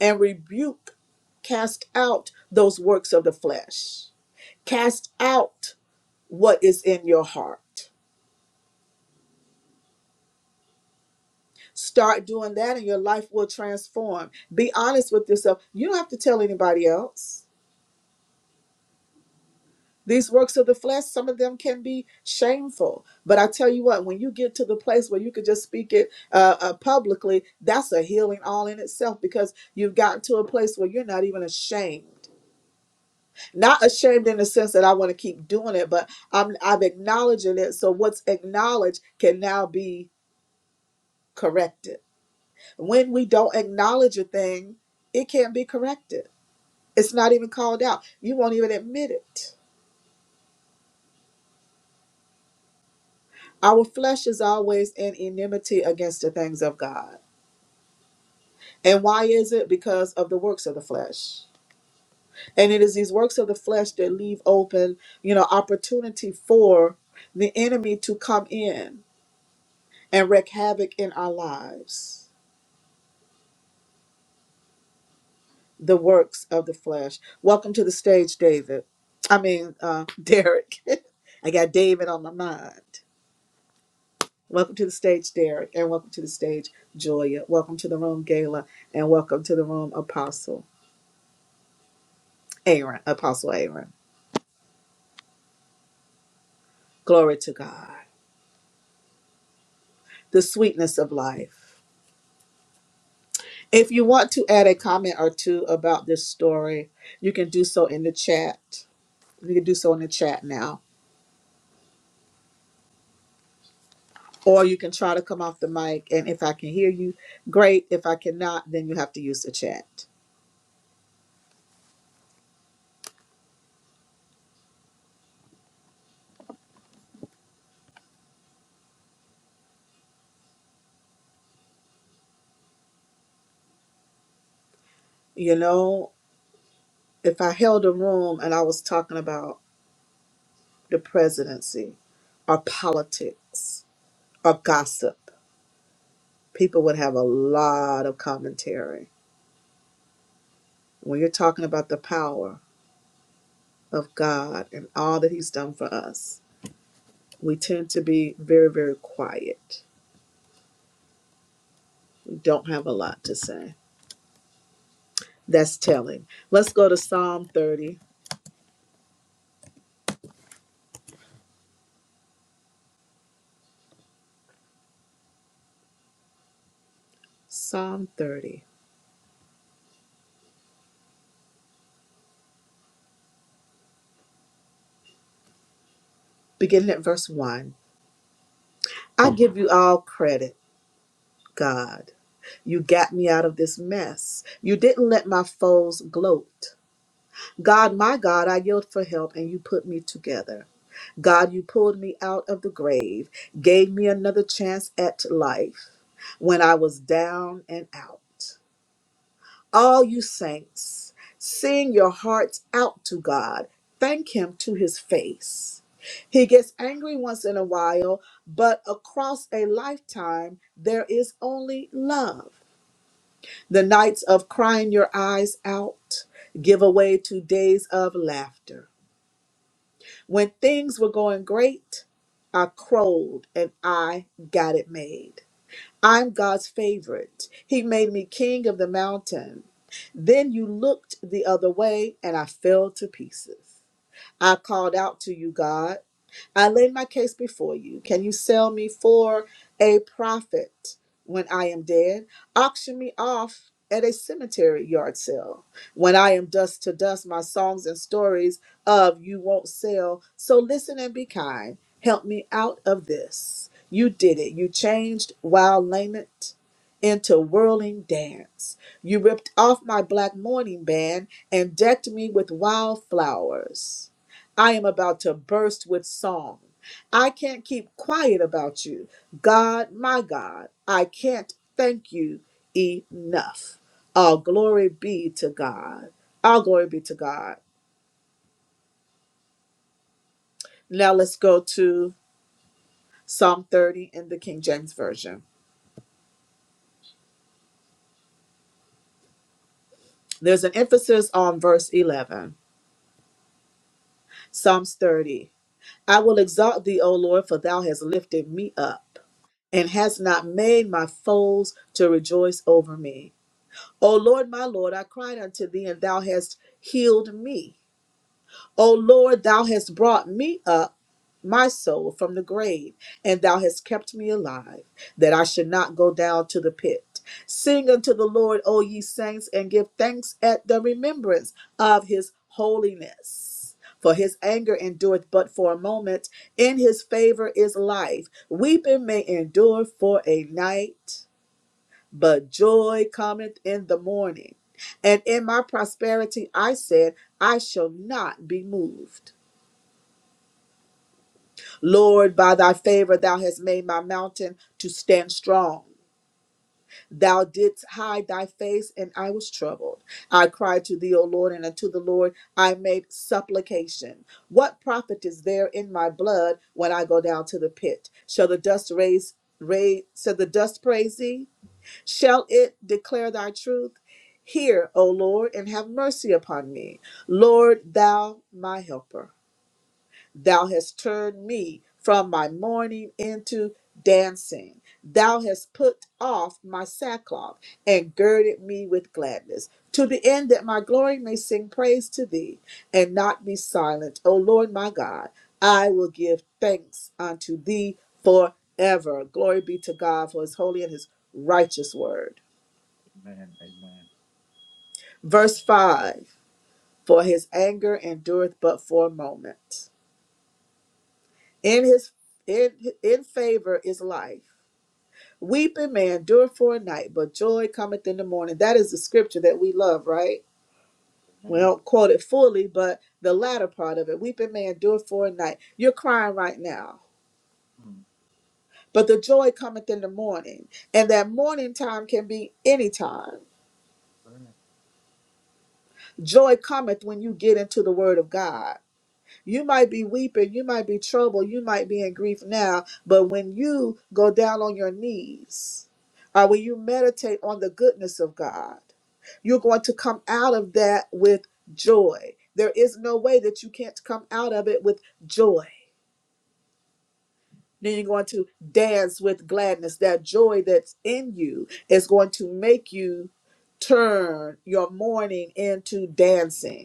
[SPEAKER 1] and rebuke, cast out those works of the flesh, cast out what is in your heart. Start doing that, and your life will transform. Be honest with yourself. You don't have to tell anybody else. These works of the flesh, some of them can be shameful. But I tell you what, when you get to the place where you could just speak it uh, uh, publicly, that's a healing all in itself because you've gotten to a place where you're not even ashamed not ashamed in the sense that I want to keep doing it, but I'm I'm acknowledging it. So what's acknowledged can now be corrected. When we don't acknowledge a thing, it can't be corrected. It's not even called out. You won't even admit it. Our flesh is always in enmity against the things of God. And why is it? Because of the works of the flesh. And it is these works of the flesh that leave open, you know, opportunity for the enemy to come in and wreak havoc in our lives, the works of the flesh. Welcome to the stage, David. I mean, uh, Derek. I got David on my mind. Welcome to the stage, Derek, and welcome to the stage, Julia. Welcome to the room, Gala, and welcome to the room, Apostle Aaron. Apostle Aaron. Glory to God. The sweetness of life. If you want to add a comment or two about this story, you can do so in the chat. You can do so in the chat now Or you can try to come off the mic, and if I can hear you, great. If I cannot, then you have to use the chat. You know, if I held a room and I was talking about the presidency or politics or gossip, people would have a lot of commentary. When you're talking about the power of God and all that He's done for us, we tend to be very, very quiet. We don't have a lot to say. That's telling. Let's go to Psalm 30. Psalm 30. beginning at verse 1. I give you all credit, God. You got me out of this mess. You didn't let my foes gloat. God, my God, I yelled for help and you put me together. God, you pulled me out of the grave, gave me another chance at life when I was down and out. all you saints, sing your hearts out to God. Thank Him to His face. He gets angry once in a while, but across a lifetime, there is only love. The nights of crying your eyes out give away to days of laughter. When things were going great, I crowed and I got it made. I'm God's favorite. He made me king of the mountain. Then you looked the other way and I fell to pieces. I called out to you, God. I lay my case before you. Can you sell me for a profit when I am dead? Auction me off at a cemetery yard sale. When I am dust to dust, my songs and stories of you won't sell. So listen and be kind. Help me out of this. You did it. You changed wild lament into whirling dance. You ripped off my black mourning band and decked me with wild flowers. I am about to burst with song. I can't keep quiet about you. God, my God, I can't thank you enough. All glory be to God. All glory be to God. Now let's go to Psalm 30 in the King James Version. There's an emphasis on verse 11. Psalms 30. I will exalt thee, O Lord, for thou hast lifted me up and hast not made my foes to rejoice over me. O Lord, my Lord, I cried unto thee, and thou hast healed me. O Lord, thou hast brought me up, my soul, from the grave, and thou hast kept me alive, that I should not go down to the pit. Sing unto the Lord, O ye saints, and give thanks at the remembrance of his holiness. For his anger endureth but for a moment, in his favor is life. Weeping may endure for a night but joy cometh in the morning. And in my prosperity I said, I shall not be moved. Lord, by thy favor thou hast made my mountain to stand strong. Thou didst hide thy face, and I was troubled. I cried to thee, O Lord, and unto the Lord I made supplication. What profit is there in my blood when I go down to the pit? Shall the dust raise, raise shall the dust praise thee? Shall it declare thy truth? Hear, O Lord, and have mercy upon me. Lord, thou my helper. Thou hast turned me from my mourning into dancing. Thou hast put off my sackcloth and girded me with gladness, to the end that my glory may sing praise to thee and not be silent. O Lord my God, I will give thanks unto thee forever. Glory be to God for his holy and his righteous word.
[SPEAKER 2] Amen. Amen.
[SPEAKER 1] Verse 5 For his anger endureth but for a moment. In his in, in favor is life. Weeping may endure for a night, but joy cometh in the morning. That is the scripture that we love, right? We
[SPEAKER 2] Amen.
[SPEAKER 1] don't quote it fully, but the latter part of it. Weeping may endure for a night. You're crying right now.
[SPEAKER 2] Hmm.
[SPEAKER 1] But the joy cometh in the morning. And that morning time can be any time.
[SPEAKER 2] All right.
[SPEAKER 1] Joy cometh when you get into the word of God. You might be weeping, you might be troubled, you might be in grief now, but when you go down on your knees or when you meditate on the goodness of God, you're going to come out of that with joy. There is no way that you can't come out of it with joy. Then you're going to dance with gladness. That joy that's in you is going to make you turn your mourning into dancing.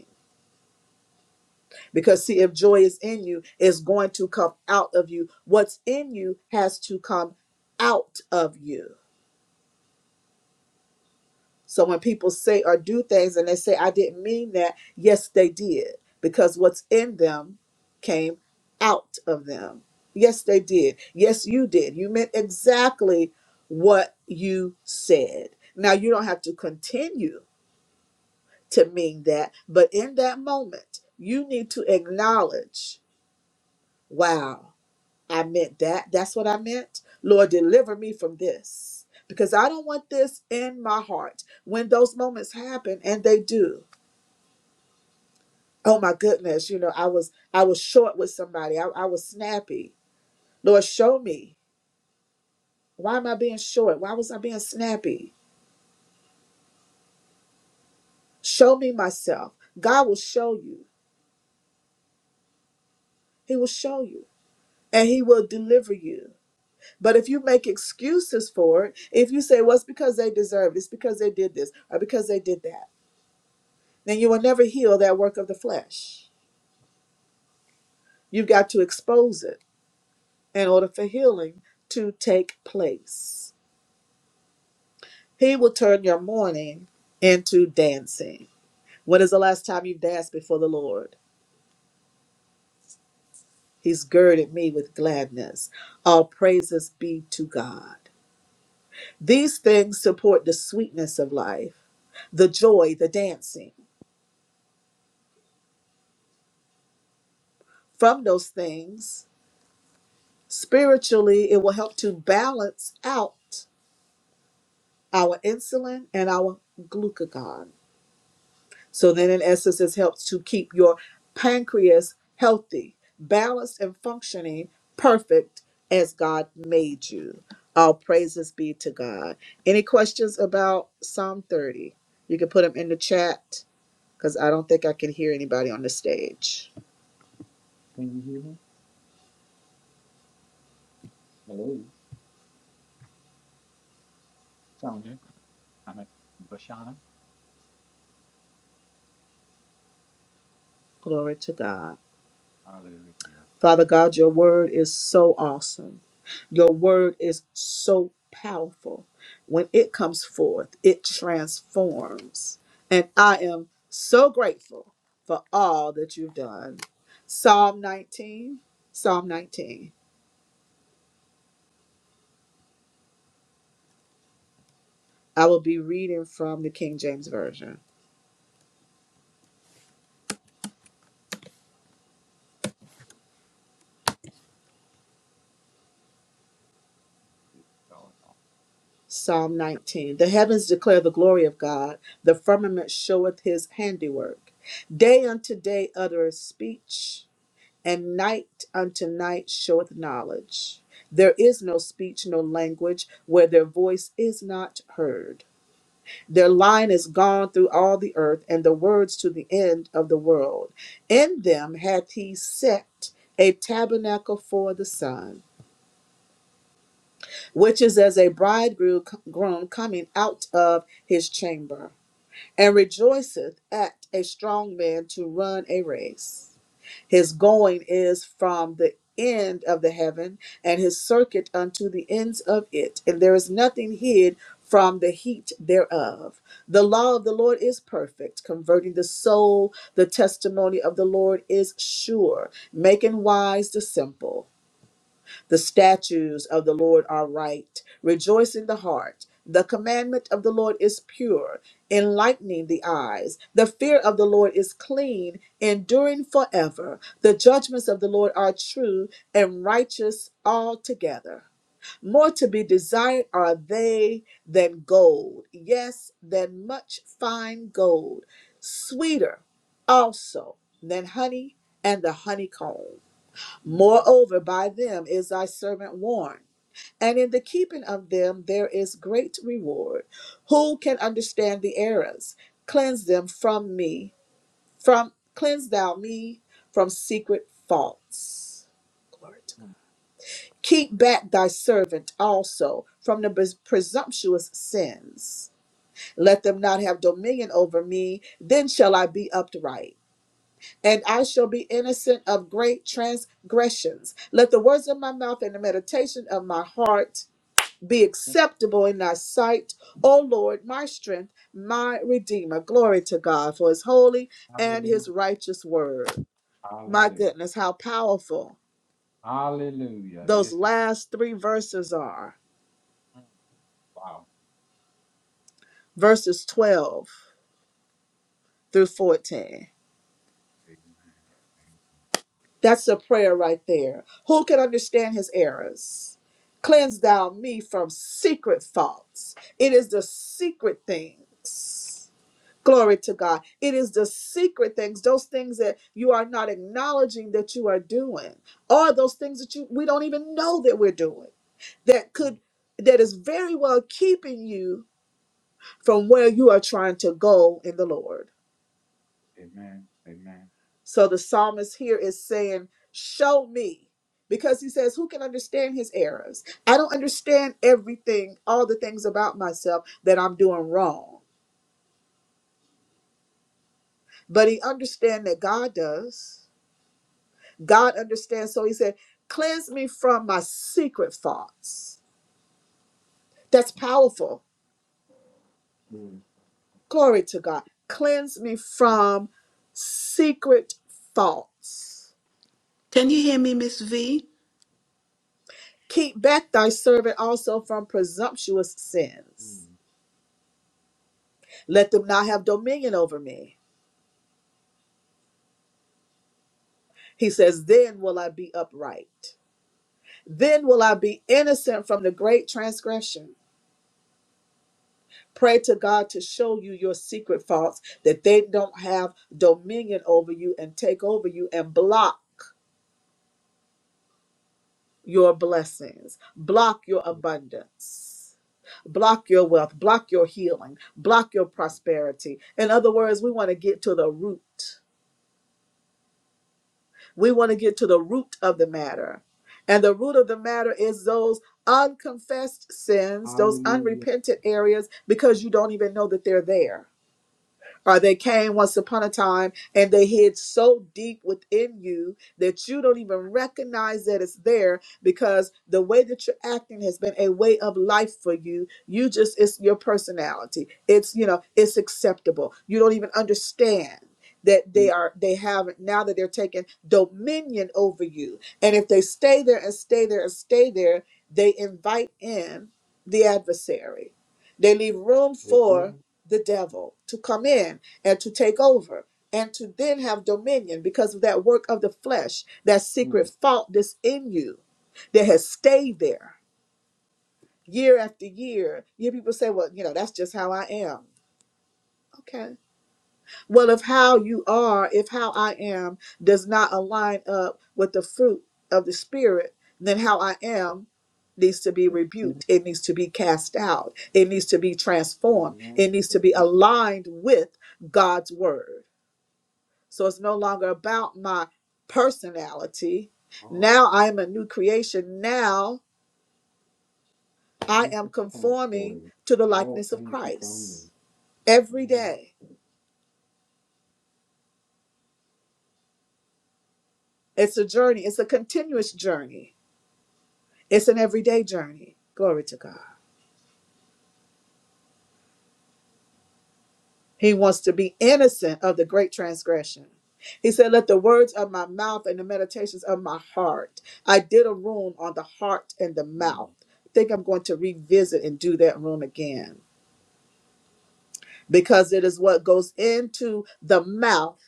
[SPEAKER 1] Because, see, if joy is in you, it's going to come out of you. What's in you has to come out of you. So, when people say or do things and they say, I didn't mean that, yes, they did. Because what's in them came out of them. Yes, they did. Yes, you did. You meant exactly what you said. Now, you don't have to continue to mean that, but in that moment, you need to acknowledge wow. I meant that. That's what I meant. Lord, deliver me from this because I don't want this in my heart. When those moments happen, and they do, oh my goodness, you know, I was I was short with somebody. I, I was snappy. Lord, show me why am I being short? Why was I being snappy? Show me myself. God will show you. He will show you, and He will deliver you. But if you make excuses for it, if you say, "Well, it's because they deserved," it's because they did this, or because they did that then you will never heal that work of the flesh. You've got to expose it in order for healing to take place. He will turn your mourning into dancing. When is the last time you've danced before the Lord? He's girded me with gladness. All praises be to God. These things support the sweetness of life, the joy, the dancing. From those things, spiritually, it will help to balance out our insulin and our glucagon So then, in essence, it helps to keep your pancreas healthy, balanced, and functioning perfect as God made you. All praises be to God. Any questions about Psalm 30? You can put them in the chat because I don't think I can hear anybody on the stage.
[SPEAKER 2] Can you hear me? Hello. Sound good? I'm at Bashana.
[SPEAKER 1] Glory to God.
[SPEAKER 2] Hallelujah.
[SPEAKER 1] Father God, your word is so awesome. Your word is so powerful. When it comes forth, it transforms. And I am so grateful for all that you've done. Psalm 19, Psalm 19. I will be reading from the King James Version.
[SPEAKER 2] It's going on.
[SPEAKER 1] Psalm 19. The heavens declare the glory of God, the firmament showeth his handiwork. Day unto day uttereth speech and night unto night showeth knowledge. There is no speech, no language, where their voice is not heard. Their line is gone through all the earth, and the words to the end of the world. In them hath he set a tabernacle for the sun, which is as a bridegroom groom coming out of his chamber, and rejoiceth at a strong man to run a race. His going is from the end of the heaven, and his circuit unto the ends of it, and there is nothing hid from the heat thereof. The law of the Lord is perfect, converting the soul. The testimony of the Lord is sure, making wise the simple. The statutes of the Lord are right, rejoicing the heart. The commandment of the Lord is pure, enlightening the eyes. The fear of the Lord is clean, enduring forever. The judgments of the Lord are true and righteous altogether. More to be desired are they than gold, yes, than much fine gold, sweeter also than honey and the honeycomb.
[SPEAKER 2] Hmm.
[SPEAKER 1] Moreover, by them is thy servant warned, and in the keeping of them there is great reward. Who can understand the errors? Cleanse them from me, from cleanse thou me from secret faults. Glory to God.
[SPEAKER 2] Hmm.
[SPEAKER 1] Keep back thy servant also from the pres- presumptuous sins. Let them not have dominion over me, then shall I be upright and I shall be innocent of great transgressions. Let the words of my mouth and the meditation of my heart be
[SPEAKER 2] Yep.
[SPEAKER 1] acceptable in thy sight, O Lord, my strength, my redeemer. Glory to God for his holy and his
[SPEAKER 2] Hallelujah.
[SPEAKER 1] righteous word. My
[SPEAKER 2] Hallelujah.
[SPEAKER 1] goodness, how powerful
[SPEAKER 2] Hallelujah.
[SPEAKER 1] those
[SPEAKER 2] Yes, it is.
[SPEAKER 1] last three verses are
[SPEAKER 2] Hmm. Wow.
[SPEAKER 1] verses 12 through 14.
[SPEAKER 2] Amen. Amen.
[SPEAKER 1] That's a prayer right there. Who can understand his errors? Cleanse thou me from secret faults. It is the secret things. Glory to God. It is the secret things, those things that you are not acknowledging that you are doing, or those things that you we don't even know that we're doing that
[SPEAKER 2] Hmm.
[SPEAKER 1] could that is very well keeping you from where you are trying to go in the Lord.
[SPEAKER 2] Amen. Amen.
[SPEAKER 1] So the psalmist here is saying, Show me. Because he says, Who can understand his errors? I don't understand everything, all the things about myself that I'm doing wrong. But he understands that God does. God understands. So he said, Cleanse me from my secret thoughts. That's powerful.
[SPEAKER 2] Hmm.
[SPEAKER 1] Glory to God. Cleanse me
[SPEAKER 2] Amen.
[SPEAKER 1] from secret thoughts.
[SPEAKER 3] Can you hear me, Miss V?
[SPEAKER 1] Keep back thy servant also from presumptuous sins.
[SPEAKER 2] Hmm.
[SPEAKER 1] Let them not have dominion over me. He says, Then will I be upright. Then will I be innocent from the great transgression. Pray to God to show you your secret faults, that they don't have dominion over you and take over you and block your blessings, block your
[SPEAKER 2] Hmm.
[SPEAKER 1] abundance, block your wealth, block your healing, block your
[SPEAKER 2] Hmm.
[SPEAKER 1] prosperity. In other words, we
[SPEAKER 2] Amen.
[SPEAKER 1] want to get to the root. We want to get to the root of the matter. And the root of the matter is those unconfessed sins, those
[SPEAKER 2] Hallelujah.
[SPEAKER 1] unrepentant areas, because you don't even know that they're there or they came once upon a time and they hid so deep within you that you don't even recognize that it's there because the way that you're acting has been a way of life for you you just it's your personality it's you know it's acceptable you don't even understand that
[SPEAKER 2] Hmm.
[SPEAKER 1] they are they have now that they're taking dominion over you and if they stay there and stay there and stay there they invite in the adversary they leave room for
[SPEAKER 2] Amen.
[SPEAKER 1] the devil to come in and to take over and to then have dominion because of that work of the flesh, that
[SPEAKER 2] Hmm.
[SPEAKER 1] secret fault that's in you that has stayed there year after year. You people say, well, you know, that's just how I am. Okay. Well, if how you are, if how I am does not align up with the fruit of the Spirit, then how I am needs to be rebuked. It needs to be cast out. It needs to be transformed.
[SPEAKER 2] Amen.
[SPEAKER 1] It needs to be
[SPEAKER 2] Amen.
[SPEAKER 1] aligned with God's Word. So it's no longer about my personality.
[SPEAKER 2] Amen.
[SPEAKER 1] Now I am a new creation. Now I
[SPEAKER 2] Thank
[SPEAKER 1] am
[SPEAKER 2] you for that story.
[SPEAKER 1] conforming to the
[SPEAKER 2] All
[SPEAKER 1] likeness of
[SPEAKER 2] things become new.
[SPEAKER 1] Christ every
[SPEAKER 2] Amen.
[SPEAKER 1] day. It's a journey, it's a continuous journey It's an everyday journey. Glory to God. He wants to be innocent of the great transgression. He said, Let the words of my mouth and the meditations of my heart. I did a room on the heart and the mouth.
[SPEAKER 2] Mm,
[SPEAKER 1] I think I'm going to revisit and do that room again because it is what goes into the mouth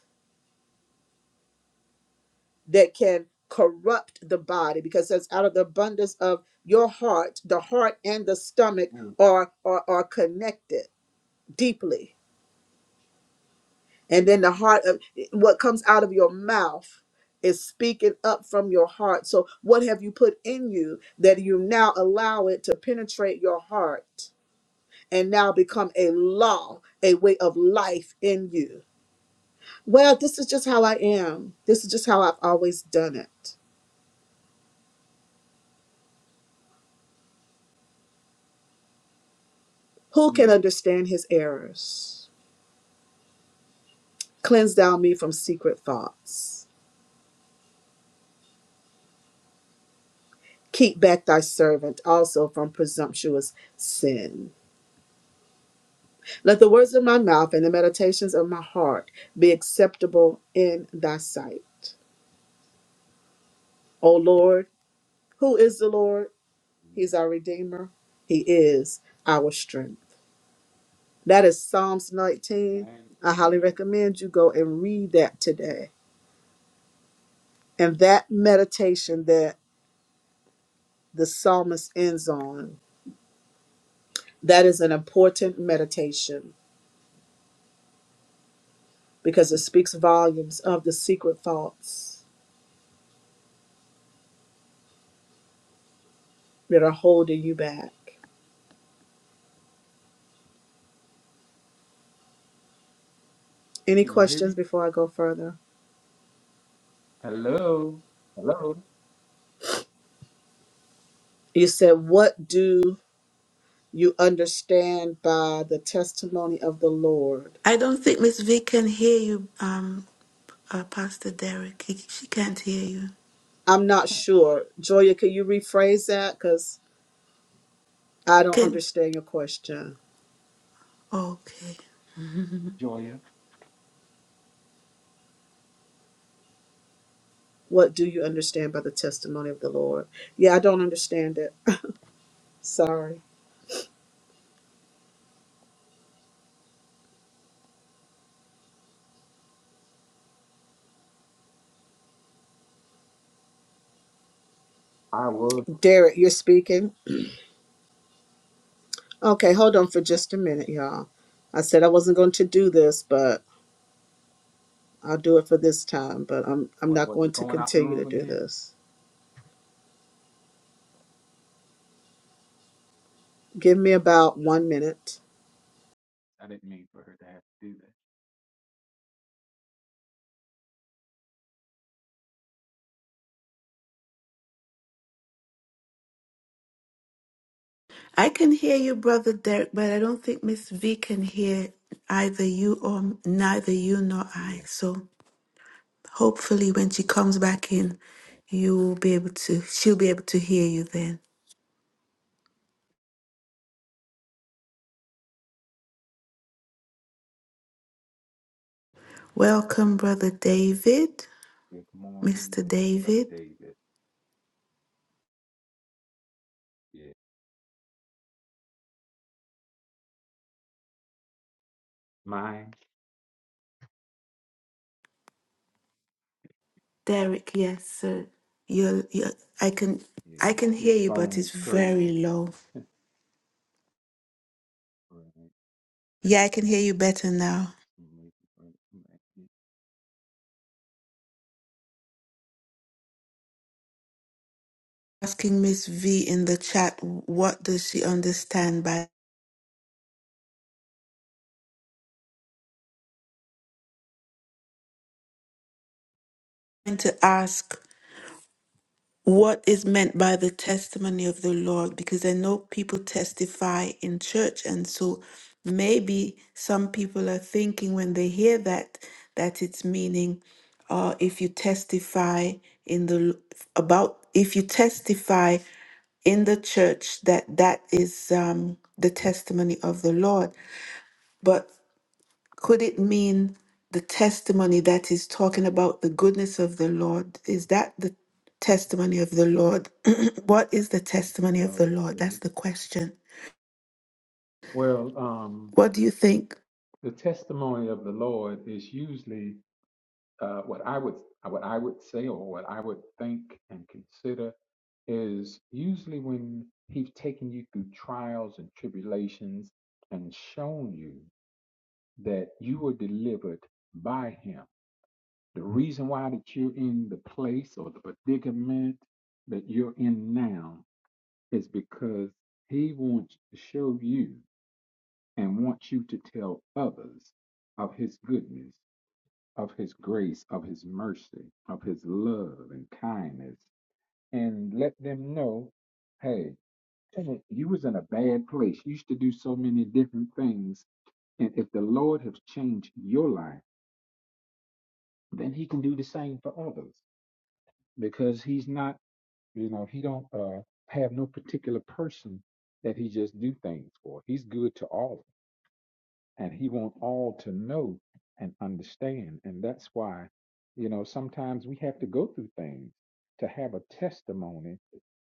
[SPEAKER 1] that can corrupt the body because it says out of the abundance of your heart the heart and the stomach
[SPEAKER 2] mm,
[SPEAKER 1] are are, are connected deeply And then the heart of what comes out of your mouth is speaking up from your heart. So, what have you put in you that you now allow it to penetrate your heart and now become a law, a way of life in you? Well, this is just how I am. This is just how I've always done it. Who can understand his errors? Cleanse thou me from secret thoughts. Keep back thy servant also from presumptuous sin. Let the words of my mouth and the meditations of my heart be acceptable in thy sight. O Lord, who is the Lord?
[SPEAKER 2] mm.
[SPEAKER 1] He's our Redeemer. He is our strength. That is Psalms 19.
[SPEAKER 2] Amen.
[SPEAKER 1] I highly
[SPEAKER 2] Amen.
[SPEAKER 1] recommend you go and read that today. And that meditation that the psalmist ends on, that is an important meditation because it speaks volumes of the secret thoughts that are holding you back. Any
[SPEAKER 2] Can you hear
[SPEAKER 1] questions
[SPEAKER 2] me?
[SPEAKER 1] before I go further?
[SPEAKER 2] Hello. Hello,
[SPEAKER 1] You said, What do you understand by the testimony of the Lord?
[SPEAKER 3] I don't think Miss V can hear you, um, uh, Pastor Derek. He- She can't hear you.
[SPEAKER 1] I'm not sure. Joya, can you rephrase that? Because I don't
[SPEAKER 3] Can
[SPEAKER 1] understand your question.
[SPEAKER 3] okay.
[SPEAKER 2] Joya.
[SPEAKER 1] What do you understand by the testimony of the Lord? Yeah, I don't understand it. Sorry.
[SPEAKER 2] I was.
[SPEAKER 1] Derek, you're speaking. Okay, hold on for just a minute, y'all. I said I wasn't going to do this, but I'll do it for this time, but I'm I'm
[SPEAKER 2] What
[SPEAKER 1] not
[SPEAKER 2] was
[SPEAKER 1] going
[SPEAKER 2] it?
[SPEAKER 1] to
[SPEAKER 2] Going out the
[SPEAKER 1] continue to
[SPEAKER 2] room
[SPEAKER 1] do
[SPEAKER 2] again?
[SPEAKER 1] this. Give me about 1 minute.
[SPEAKER 2] I didn't mean for her to have to do that.
[SPEAKER 3] I can hear you, Brother Derek, but I don't think Miss V can hear either you or neither you nor
[SPEAKER 2] Yeah.
[SPEAKER 3] I. So hopefully, when she comes back in,
[SPEAKER 2] Okay.
[SPEAKER 3] you will be able to. She'll be able to hear you then. Welcome, Brother David,
[SPEAKER 2] Good morning,
[SPEAKER 3] Mister
[SPEAKER 2] Brother
[SPEAKER 3] David.
[SPEAKER 2] David. Yeah. Mine.
[SPEAKER 3] Derek, yes, sir. You're, you're, I can, I
[SPEAKER 2] Yeah.
[SPEAKER 3] can hear
[SPEAKER 2] This
[SPEAKER 3] you, but
[SPEAKER 2] phone
[SPEAKER 3] it's
[SPEAKER 2] is
[SPEAKER 3] very
[SPEAKER 2] crazy.
[SPEAKER 3] low.
[SPEAKER 2] Right.
[SPEAKER 3] Yeah, I can hear you better now.
[SPEAKER 2] Let's see, maybe, right, right, yeah.
[SPEAKER 3] Asking Miss V in the chat, what does she understand by? I'm going to ask what is meant by the testimony of the Lord because I know people testify in church and so maybe some people are thinking when they hear that that it's meaning uh if you testify in the about if you testify in the church that that is um the testimony of the Lord but. Could it mean the testimony that is talking about the goodness of the Lord? Is that the testimony of the Lord? what is the testimony of the Lord? That's
[SPEAKER 2] Okay.
[SPEAKER 3] the question.
[SPEAKER 2] Well, um.
[SPEAKER 3] What do you think?
[SPEAKER 2] the testimony of the Lord is usually uh, what I would what I would say or what I would think and consider is usually when He's taken you through trials and tribulations and shown you that you were delivered by Him. The reason why that you're in the place or the predicament that you're in now is because He wants to show you and wants you to tell others of His goodness of his grace, of his mercy, of his love and kindness, and let them know, hey, dang you was in a bad place. You used to do so many different things. And if the Lord has changed your life, then he can do the same for others. Because he's not, you know, he don't uh have no particular person that he just do things for. He's good to all of us. and he wants all to know and understand and that's why you know sometimes we have to go through things to have a testimony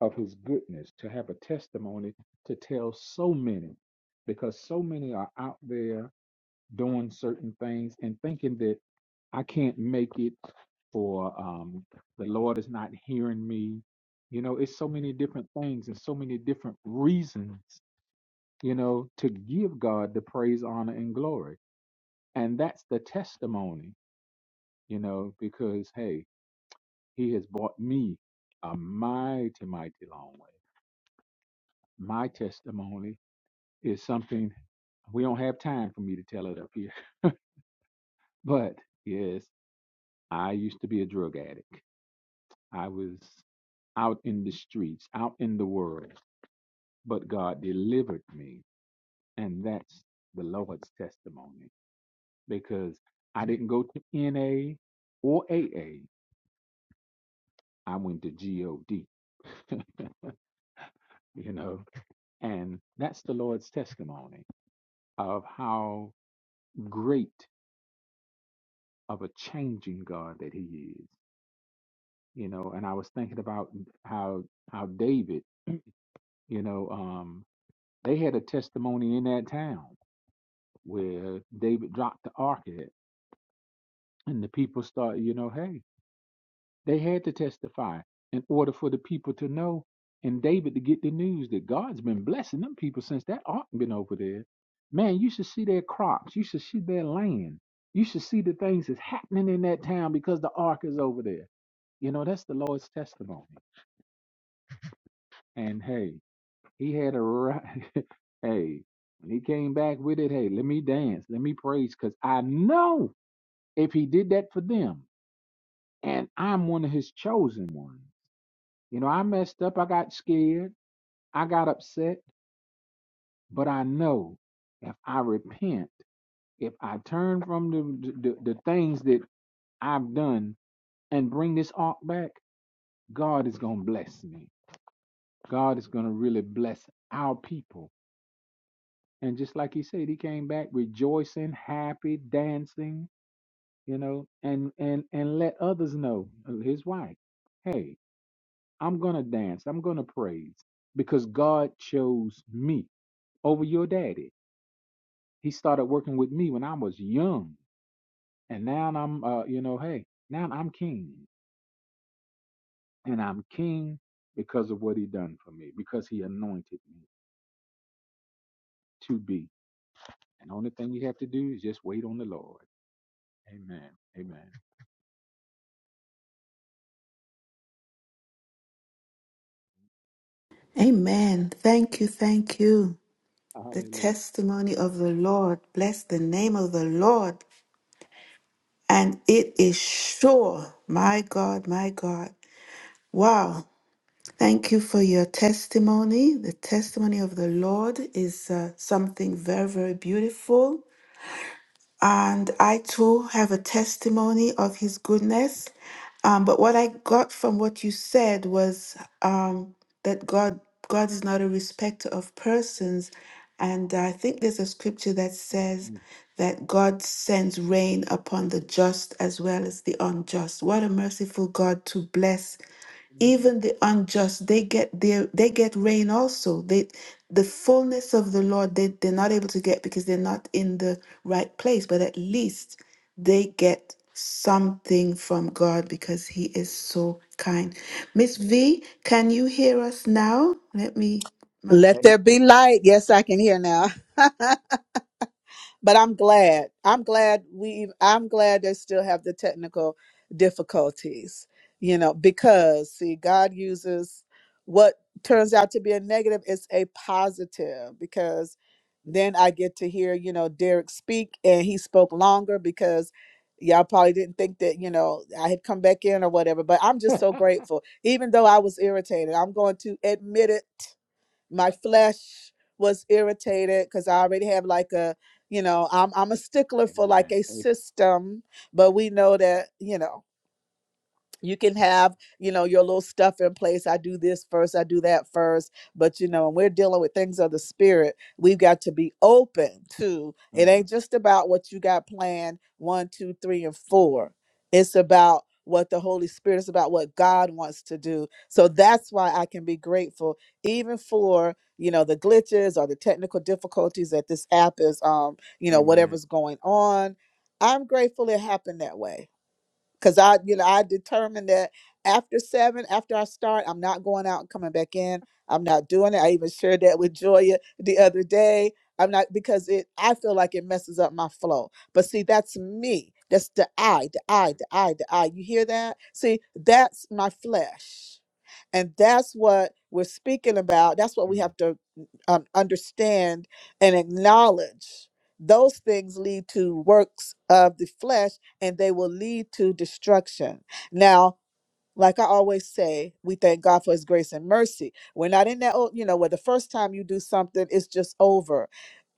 [SPEAKER 2] of his goodness to have a testimony to tell so many because so many are out there doing certain things and thinking that i can't make it or um, the lord is not hearing me you know it's so many different things and so many different reasons you know to give god the praise honor and glory and that's the testimony, you know, because hey, he has brought me a mighty, mighty long way. My testimony is something we don't have time for me to tell it up here. But yes, I used to be a drug addict. I was out in the streets, out in the world, but God delivered me. And that's the Lord's testimony because I didn't go to NA or AA. I went to GOD. you know, and that's the Lord's testimony of how great of a changing God that He is, you know. And I was thinking about how how David, you know, um, they had a testimony in that town where David dropped the ark at, and the people start, you know, hey. They had to testify in order for the people to know and David to get the news that God's been blessing them people since that ark been over there. Man, you should see their crops. You should see their land. You should see the things that's happening in that town because the ark is over there. You know, that's the Lord's testimony. And hey, he had a right. hey, when he came back with it, hey, let me dance, let me praise, because I know if he did that for them, and I'm one of his chosen ones. You know, I messed up. I got scared. I got upset. But I know if I repent, if I turn from the, the, the things that I've done and bring this ark back, God is going to bless me. God is going to really bless our people. And just like he said, he came back rejoicing, happy, dancing, you know, and and and let others know, uh, his wife, hey, I'm going to dance. I'm going to praise because God chose me over your daddy. He started working with me when I was young, and now I'm, uh, you know, hey, now I'm king, and I'm king because of what he done for me, because he anointed me to be. And the only thing we have to do is just wait on the Lord. Amen. Amen.
[SPEAKER 3] Amen. Thank you. Thank you. The
[SPEAKER 2] Hallelujah.
[SPEAKER 3] testimony of the Lord. Bless the name of the Lord. And it is sure. My God, my God. Wow. Thank you for your testimony. The testimony of the Lord is uh, something very, very beautiful. and I too have a testimony of His goodness. Um, but what I got from what you said was um, that God God is not a respecter of persons, and I think there's a scripture that says
[SPEAKER 2] Mm.
[SPEAKER 3] that God sends rain upon the just as well as the unjust. What a merciful God to bless even the unjust they get their they get rain also they the fullness of the lord they, they're not able to get because they're not in the right place but at least they get something from god because he is so kind miss v can you hear us now let me my,
[SPEAKER 1] Let
[SPEAKER 2] Amen.
[SPEAKER 1] there be light. Yes, I can hear now. but I'm glad. I'm glad we I'm glad they still have the technical difficulties. You know, because see God uses what turns out to be a negative is a positive because then I get to hear, you know, Derek speak and he spoke longer because y'all probably didn't think that, you know, I had come back in or whatever, but I'm
[SPEAKER 2] Amen.
[SPEAKER 1] just so grateful. Even though I was irritated, I'm going to admit it my flesh was irritated because I already have like a, you know, I'm I'm a stickler for like
[SPEAKER 2] Amen.
[SPEAKER 1] a
[SPEAKER 2] Amen.
[SPEAKER 1] system, but we know that, you know you can have you know your little stuff in place i do this first i do that first but you know when we're dealing with things of the spirit we've got to be open to it ain't just about what you got planned one two three and four it's about what the holy spirit is about what god wants to do so that's why i can be grateful even for you know the glitches or the technical difficulties that this app is um you know
[SPEAKER 2] Amen.
[SPEAKER 1] whatever's going on i'm grateful it happened that way because I, you know, I determined that after seven, after I start, I'm not going out and coming back in. I'm not doing it. I even shared that with Joya the other day. I'm not because it. I feel like it messes up my flow. But see, that's me. That's the I, the I, the I, the I. You hear that? See, that's my flesh, and that's what we're speaking about. That's what
[SPEAKER 2] Mm.
[SPEAKER 1] we
[SPEAKER 2] Mm.
[SPEAKER 1] have to um, understand and acknowledge. Those things lead to works of the flesh and they will lead to destruction. Now, like I always say, we thank God for his grace and mercy. We're not in that old, you know, where the first time you do something, it's just over.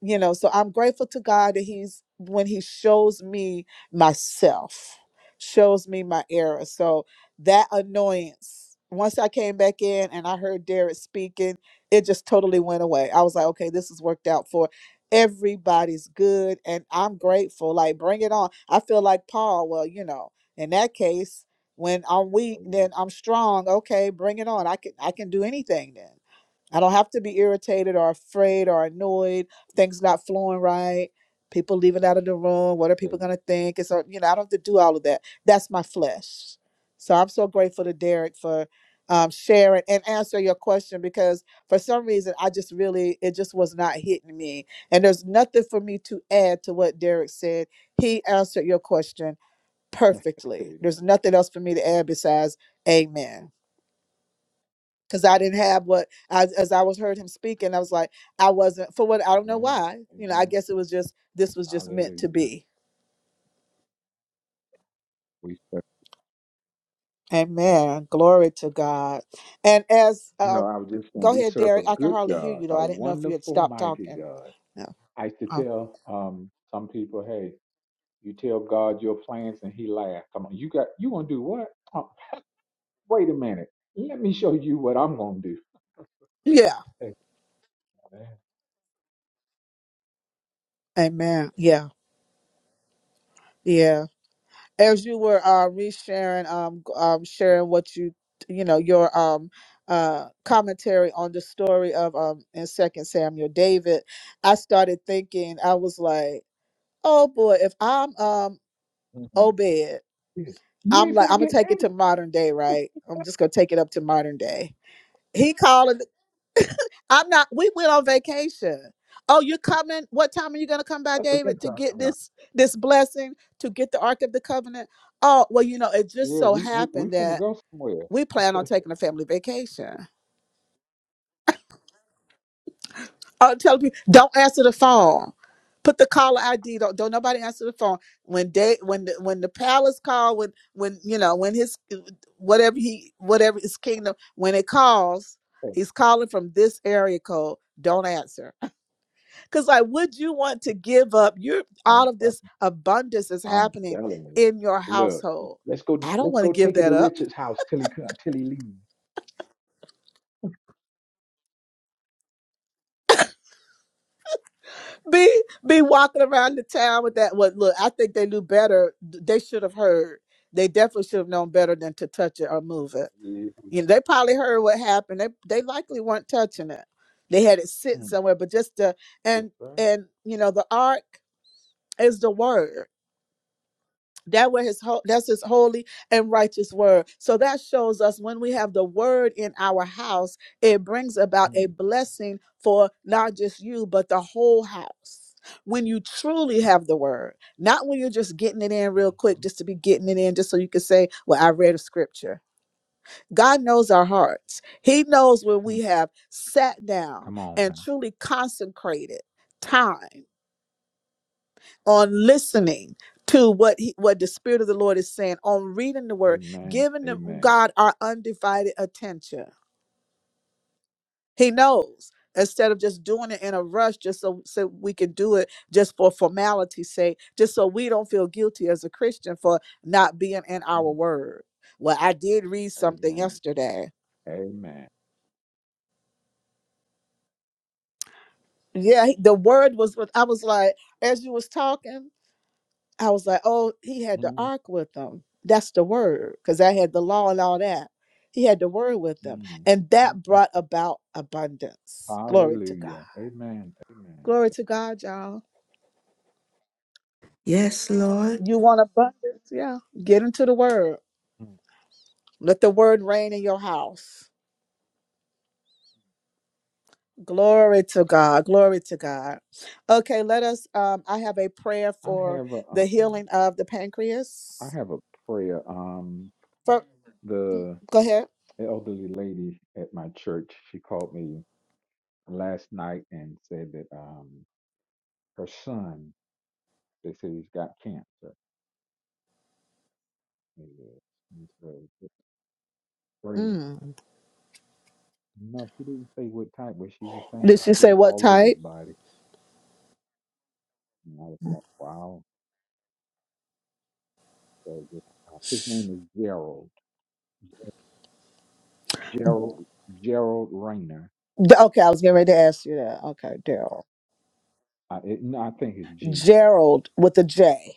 [SPEAKER 1] You know, so I'm grateful to God that he's when he shows me myself, shows me my error. So that annoyance, once I came back in and I heard Derek speaking, it just totally went away. I was like, okay, this has worked out for everybody's good and I'm grateful. Like bring it on. I feel like Paul, well, you know, in that case, when I'm weak,
[SPEAKER 2] Amen.
[SPEAKER 1] then I'm strong. Okay, bring it on. I can I can do anything then. I don't have to be irritated or afraid or annoyed. Things not flowing right. People leaving out of the room. What are people
[SPEAKER 2] Amen.
[SPEAKER 1] gonna think? It's a- you know I don't have to do all of that. That's my flesh. So I'm so grateful to Derek for um, sharing and answer your question because for some reason I just really it just was not hitting me. And there's nothing for me to add to what Derek said. He answered your question perfectly. There's
[SPEAKER 2] Amen.
[SPEAKER 1] nothing else for me to add besides amen. Because I didn't have what, as as I was heard him speaking, I was like, I wasn't, for what, I don't know
[SPEAKER 2] Amen.
[SPEAKER 1] why. You know, I
[SPEAKER 2] Amen.
[SPEAKER 1] guess it was just, this was just meant to
[SPEAKER 2] Hallelujah.
[SPEAKER 1] be.
[SPEAKER 2] We serve
[SPEAKER 1] Amen. Glory to God. And as, uh,
[SPEAKER 2] No, I was just saying
[SPEAKER 1] go
[SPEAKER 2] we
[SPEAKER 1] ahead,
[SPEAKER 2] serve a
[SPEAKER 1] Derek. I can
[SPEAKER 2] good
[SPEAKER 1] hardly hear
[SPEAKER 2] God,
[SPEAKER 1] you though.
[SPEAKER 2] a
[SPEAKER 1] I didn't know if you had
[SPEAKER 2] wonderful,
[SPEAKER 1] stopped
[SPEAKER 2] mighty
[SPEAKER 1] talking.
[SPEAKER 2] God.
[SPEAKER 1] No.
[SPEAKER 2] I used to
[SPEAKER 1] Oh.
[SPEAKER 2] tell um, some people, "Hey, you tell God your plans, and He laughs. Come on, you got you gonna do what? Oh, wait a minute, let me show you what I'm gonna do.
[SPEAKER 1] Yeah.
[SPEAKER 2] Hey, man,
[SPEAKER 1] Amen. Yeah. Yeah. as you were uh, resharing, um, g- um, sharing what you, you know, your um, uh, commentary on the story of um, in Second Samuel David, I started thinking. I was like, oh boy, if I'm um,
[SPEAKER 2] mhm,
[SPEAKER 1] Obed,
[SPEAKER 2] yeah. you
[SPEAKER 1] I'm
[SPEAKER 2] ain't
[SPEAKER 1] like, I'm
[SPEAKER 2] finna
[SPEAKER 1] gonna
[SPEAKER 2] get
[SPEAKER 1] take
[SPEAKER 2] me.
[SPEAKER 1] it to modern day, right? I'm just gonna take it up to modern day. He called I'm not. We went on vacation. Oh, you're coming. What time are you going to come by,
[SPEAKER 2] That's what I'm
[SPEAKER 1] David, to
[SPEAKER 2] talking
[SPEAKER 1] get
[SPEAKER 2] about.
[SPEAKER 1] this this blessing to get the Ark of the Covenant? Oh, well, you know, it just
[SPEAKER 2] Yeah,
[SPEAKER 1] so
[SPEAKER 2] we we we
[SPEAKER 1] happened
[SPEAKER 2] finna
[SPEAKER 1] that
[SPEAKER 2] go somewhere.
[SPEAKER 1] we plan on taking a family vacation. Oh, tell people don't answer the phone. Put the caller ID. Don't don't nobody answer the phone when they when the, when the palace call when when you know when his whatever he whatever his kingdom when it calls
[SPEAKER 2] Hey,
[SPEAKER 1] he's calling from this area code. Don't answer Because, like, would you want to give up? You're all
[SPEAKER 2] I'm
[SPEAKER 1] of
[SPEAKER 2] tell-
[SPEAKER 1] this abundance is
[SPEAKER 2] I'm
[SPEAKER 1] happening
[SPEAKER 2] telling you.
[SPEAKER 1] in your
[SPEAKER 2] Look,
[SPEAKER 1] household.
[SPEAKER 2] let's go
[SPEAKER 1] I don't
[SPEAKER 2] let's
[SPEAKER 1] want to
[SPEAKER 2] go
[SPEAKER 1] give
[SPEAKER 2] take it
[SPEAKER 1] that
[SPEAKER 2] to
[SPEAKER 1] up.
[SPEAKER 2] Richard's house till he co- till he leaves.
[SPEAKER 1] Be be walking around the town with that. What look? I think they knew better. They should have heard. They definitely should have known better than to touch it or move it.
[SPEAKER 2] Mm, yeah.
[SPEAKER 1] You know, they probably heard what happened. They they likely weren't touching it. They had it sitting
[SPEAKER 2] Mm,
[SPEAKER 1] somewhere, but just the
[SPEAKER 2] Yes,
[SPEAKER 1] and
[SPEAKER 2] sir.
[SPEAKER 1] and you know the ark is the word That where his ho- that's his holy and righteous word. So that shows us when we have the word in our house, it brings about a
[SPEAKER 2] Mm.
[SPEAKER 1] blessing for not just you but the whole house. When you truly have the word, not when you're just getting it in real quick,
[SPEAKER 2] Mhm.
[SPEAKER 1] just to be getting it in, just so you can say, "Well, I read a scripture." God knows our hearts. He knows when we
[SPEAKER 2] Mm.
[SPEAKER 1] have sat down
[SPEAKER 2] Come on
[SPEAKER 1] and
[SPEAKER 2] now.
[SPEAKER 1] truly consecrated time on listening to what he, what the spirit of the Lord is saying, on reading the word,
[SPEAKER 2] Amen.
[SPEAKER 1] giving them,
[SPEAKER 2] Amen.
[SPEAKER 1] God our undivided attention. He knows instead of just doing it in a rush, just so, so we can do it just for formality's sake, just so we don't feel guilty as a Christian for not being in our
[SPEAKER 2] Mm.
[SPEAKER 1] word. Well, I did read something
[SPEAKER 2] Amen.
[SPEAKER 1] yesterday.
[SPEAKER 2] Amen.
[SPEAKER 1] Yeah, he- the word was what I was like as you was talking. I was like, oh, he had the
[SPEAKER 2] Mm.
[SPEAKER 1] ark with him. That's the word, because I had the law and all that. He had the word with him.
[SPEAKER 2] Mm.
[SPEAKER 1] And
[SPEAKER 2] Mm.
[SPEAKER 1] that
[SPEAKER 2] Mm.
[SPEAKER 1] brought about abundance. Glory to God.
[SPEAKER 2] Hallelujah. Amen. Amen.
[SPEAKER 1] Glory to God, y'all.
[SPEAKER 3] yes lord
[SPEAKER 1] You want abundance? Yeah. Get into the word.
[SPEAKER 2] Mm.
[SPEAKER 1] Let the word reign in your house. Glory to God. Glory to God. Okay, let us. Um, I have a prayer
[SPEAKER 2] I
[SPEAKER 1] for
[SPEAKER 2] have a
[SPEAKER 1] the
[SPEAKER 2] um
[SPEAKER 1] healing of the
[SPEAKER 2] I
[SPEAKER 1] pancreas.
[SPEAKER 2] have a prayer. Um
[SPEAKER 1] For,
[SPEAKER 2] the
[SPEAKER 1] go ahead.
[SPEAKER 2] elderly lady at my church, she called me last night and said that um her son, they said he's got cancer. He is. And so
[SPEAKER 1] Mm.
[SPEAKER 2] No, she didn't say what type, but she was saying
[SPEAKER 1] Did she
[SPEAKER 2] like it
[SPEAKER 1] say
[SPEAKER 2] was
[SPEAKER 1] what
[SPEAKER 2] all over
[SPEAKER 1] type?
[SPEAKER 2] his body. And I was like, wow. So just, uh, his name is Gerald. Gerald Gerald Rayner.
[SPEAKER 1] D- Okay, I was getting ready to ask you that. Okay, Daryl.
[SPEAKER 2] I it, no, I think it's G.
[SPEAKER 1] Gerald with a J.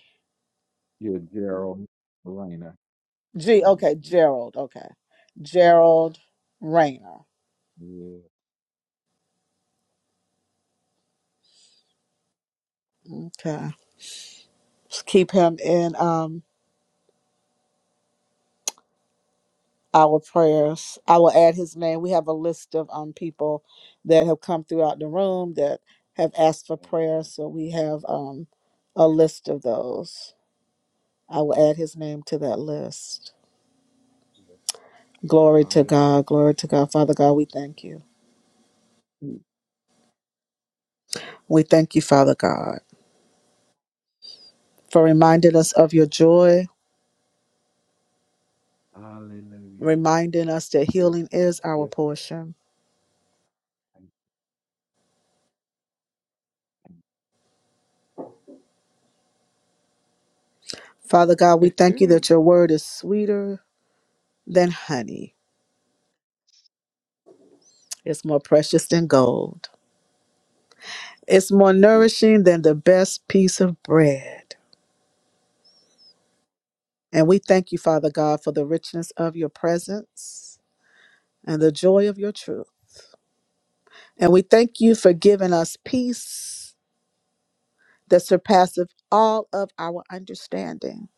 [SPEAKER 2] Yeah, Gerald Rayner.
[SPEAKER 1] G. Okay,
[SPEAKER 2] Mm-hmm.
[SPEAKER 1] Gerald. Okay, Gerald Rayner.
[SPEAKER 2] Yeah.
[SPEAKER 1] Okay, Just keep him in um our prayers. I will add his name. We have a list of um people that have come throughout the room that have asked for prayer,
[SPEAKER 2] Amen.
[SPEAKER 1] so we have um a list of those. I will add his name to that list.
[SPEAKER 2] Yeah.
[SPEAKER 1] Glory to God.
[SPEAKER 2] Hallelujah.
[SPEAKER 1] Glory to God. Father God, we thank you.
[SPEAKER 2] Mm.
[SPEAKER 1] We thank you, Father God. for reminding us of your joy,
[SPEAKER 2] Hallelujah.
[SPEAKER 1] reminding us that
[SPEAKER 2] Yes,
[SPEAKER 1] healing
[SPEAKER 2] Lord.
[SPEAKER 1] is our
[SPEAKER 2] Yes, Lord.
[SPEAKER 1] portion.
[SPEAKER 2] Thank you.
[SPEAKER 1] Father God, we
[SPEAKER 2] Hey.
[SPEAKER 1] thank you
[SPEAKER 2] hey.
[SPEAKER 1] that your word is sweeter than honey. It's more precious than gold. It's more
[SPEAKER 2] yes,
[SPEAKER 1] nourishing than the best piece of bread. And we thank you, Father God, for the richness of your presence and the joy of your truth. And we thank you for giving us peace that surpasses all of our understanding.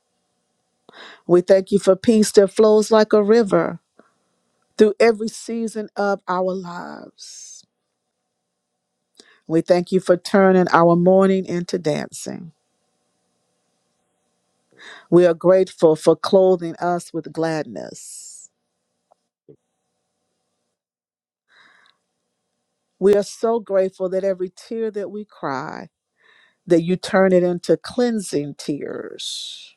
[SPEAKER 1] We thank you for peace that flows like a river through every season of our lives. We thank you for turning our mourning into dancing.
[SPEAKER 2] yes.
[SPEAKER 1] We are grateful for
[SPEAKER 2] Thank
[SPEAKER 1] clothing us with gladness.
[SPEAKER 2] you.
[SPEAKER 1] We are so grateful that every tear that we cry, that you turn it into cleansing tears.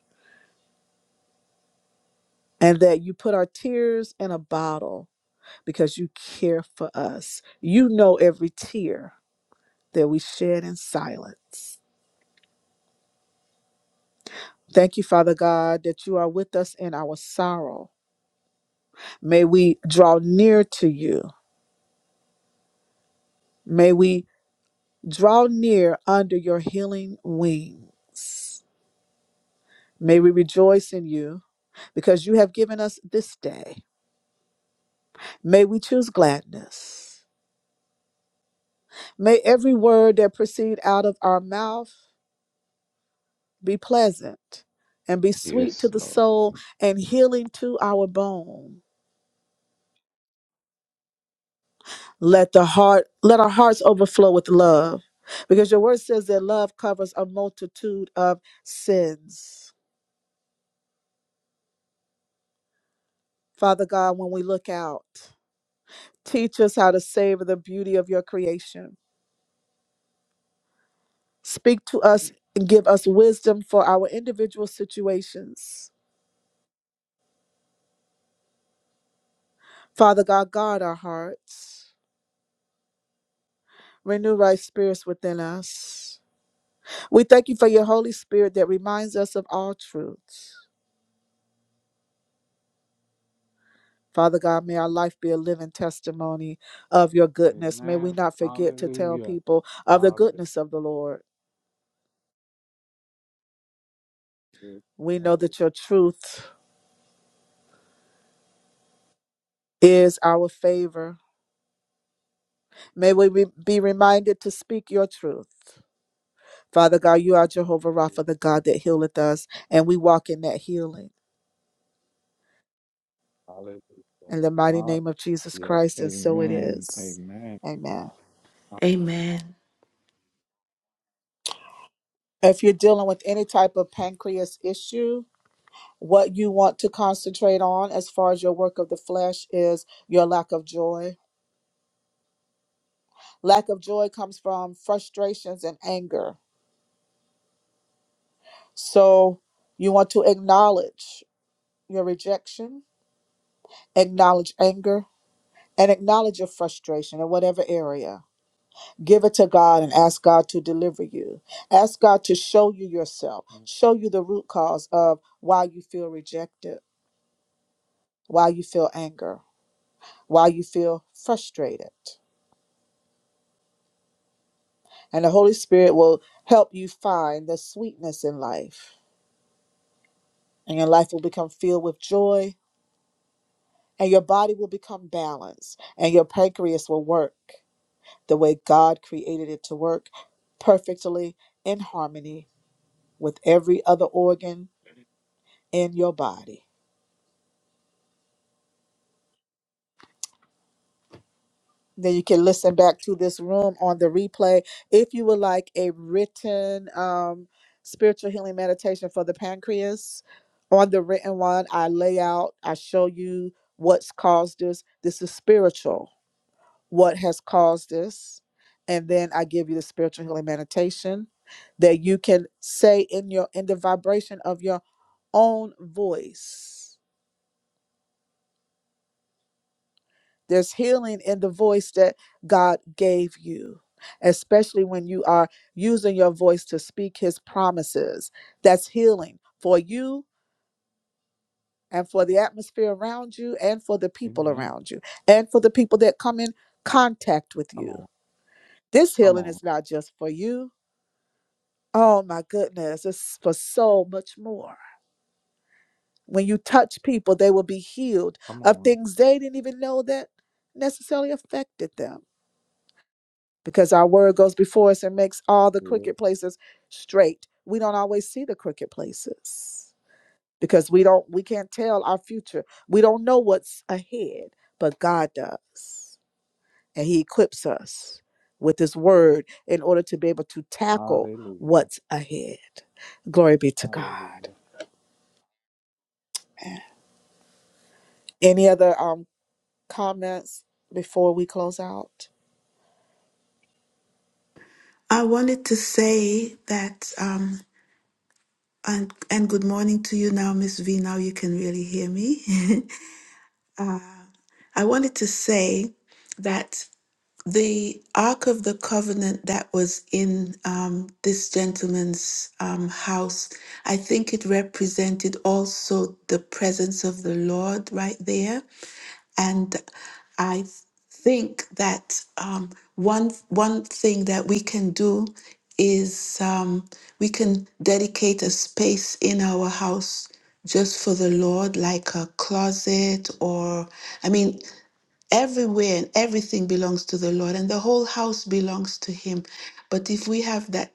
[SPEAKER 1] And that you put our tears in a bottle because you care for us. You know every tear that we shed in silence. Thank you, Father God, that you are with us in our sorrow May we draw near to you. May we draw near under your healing wings. May we rejoice in you because you have given us this day. May we choose gladness. May every word that proceed out of our mouth be pleasant and be sweet to
[SPEAKER 2] Yes,
[SPEAKER 1] the
[SPEAKER 2] Lord.
[SPEAKER 1] soul and healing to our bone. Let the heart let our hearts overflow with love because your word says that love covers a multitude of sins. Father God, when we look out, teach us how to savor the beauty of your creation. Speak to us and give us wisdom for our individual situations. Father God, guard our hearts. Renew right spirits within us. We thank you for your Holy Spirit that reminds us of all truths. Father God, may our life be a living testimony of your goodness. May we
[SPEAKER 2] Amen.
[SPEAKER 1] not forget to tell
[SPEAKER 2] Hallelujah.
[SPEAKER 1] people of the
[SPEAKER 2] Hallelujah.
[SPEAKER 1] goodness of the Lord.
[SPEAKER 2] Good.
[SPEAKER 1] We know
[SPEAKER 2] Always
[SPEAKER 1] that your truth is our favor. May we re- be reminded to speak your truth. Father God, you are Jehovah Rapha,
[SPEAKER 2] is.
[SPEAKER 1] the God that healeth us, and we walk in that healing.
[SPEAKER 2] Hallelujah.
[SPEAKER 1] In the mighty name
[SPEAKER 2] Hallelujah.
[SPEAKER 1] of Jesus Christ, and so it
[SPEAKER 2] Amen.
[SPEAKER 1] is.
[SPEAKER 2] Amen.
[SPEAKER 1] Amen.
[SPEAKER 2] Ah,
[SPEAKER 3] Amen.
[SPEAKER 1] If you're dealing with any type of pancreas issue, what you want to concentrate on as far as your work of the flesh is your lack of joy. Lack of joy comes from frustrations and anger. So you want to acknowledge your rejection, acknowledge anger, and acknowledge your frustration in whatever area. Give it to God and ask God to deliver you. Ask God to show you yourself, show you the root cause of why you feel rejected, why you feel anger, why you feel frustrated. And the Holy Spirit will help you find the sweetness in life, and your life will become filled with joy, and your body will become balanced, and your pancreas will work the way God created it to work perfectly in harmony with every other organ in your body. Then you can listen back to this room on the replay if you would like a written um, spiritual healing meditation for the pancreas. On the written one, I lay out, I show you what's caused this. This is spiritual, what has caused this. And then I give you the spiritual healing meditation that you can say in your in the vibration of your own voice There's healing in the voice that God gave you, especially when you are using your voice to speak his promises. That's healing for you and for the atmosphere around you and for the people
[SPEAKER 2] Amen.
[SPEAKER 1] around you and for the people that come in contact with
[SPEAKER 2] Come
[SPEAKER 1] you.
[SPEAKER 2] on.
[SPEAKER 1] This
[SPEAKER 2] Come
[SPEAKER 1] healing
[SPEAKER 2] on.
[SPEAKER 1] is not just for you. Oh my goodness, it's for so much more. When you touch people, they will be healed
[SPEAKER 2] Come
[SPEAKER 1] of
[SPEAKER 2] on.
[SPEAKER 1] things they didn't even know that necessarily affected them because our word goes before us and makes all the
[SPEAKER 2] Yes.
[SPEAKER 1] crooked places straight. We don't always see the crooked places because we don't we can't tell our future. We don't know what's ahead, but God does. And he equips us with his word in order to be able to tackle
[SPEAKER 2] Hallelujah.
[SPEAKER 1] what's ahead. Glory be to God.
[SPEAKER 2] Hallelujah.
[SPEAKER 1] Any other um comments before we close out?
[SPEAKER 3] I wanted to say that, um, and, and good morning to you now, Miss V. Now you can really hear me. I wanted to say that the Ark of the Covenant that was in um, this gentleman's um, house, I think it represented also the presence of the Lord right there. And I think that um, one, one thing that we can do is um, we can dedicate a space in our house just for the Lord, like a closet or, I mean, Everywhere and everything belongs to the Lord, and the whole house belongs to Him. But if we have that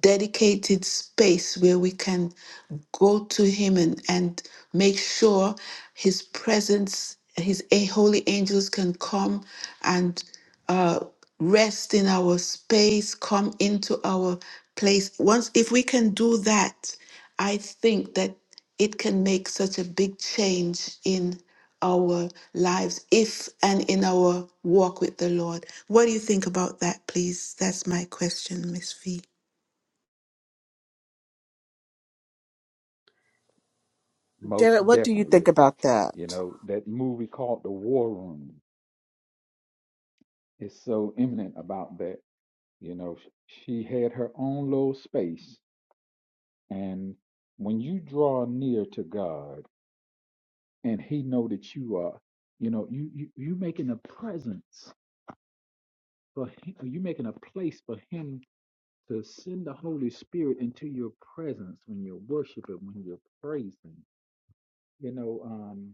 [SPEAKER 3] dedicated space where we can go to him and, and make sure his presence, his a- holy angels can come and uh, rest in our space, come into our place. Once, if we can do that, I think that it can make such a big change in our lives, if and in our walk with the Lord. What do you think about that, please? That's my question, Miss V.
[SPEAKER 1] Derek,
[SPEAKER 2] Most
[SPEAKER 1] what do you think
[SPEAKER 2] definitely.
[SPEAKER 1] about
[SPEAKER 2] You
[SPEAKER 1] that?
[SPEAKER 2] know, that movie called The War Room is so eminent about that. You know, sh- she had her own little space. And when you draw near to God and He know that you are, you know, you you you making a presence. for him, you're making a place for him to send the Holy Spirit into your presence when you're worshiping, when you're praising. You know, um,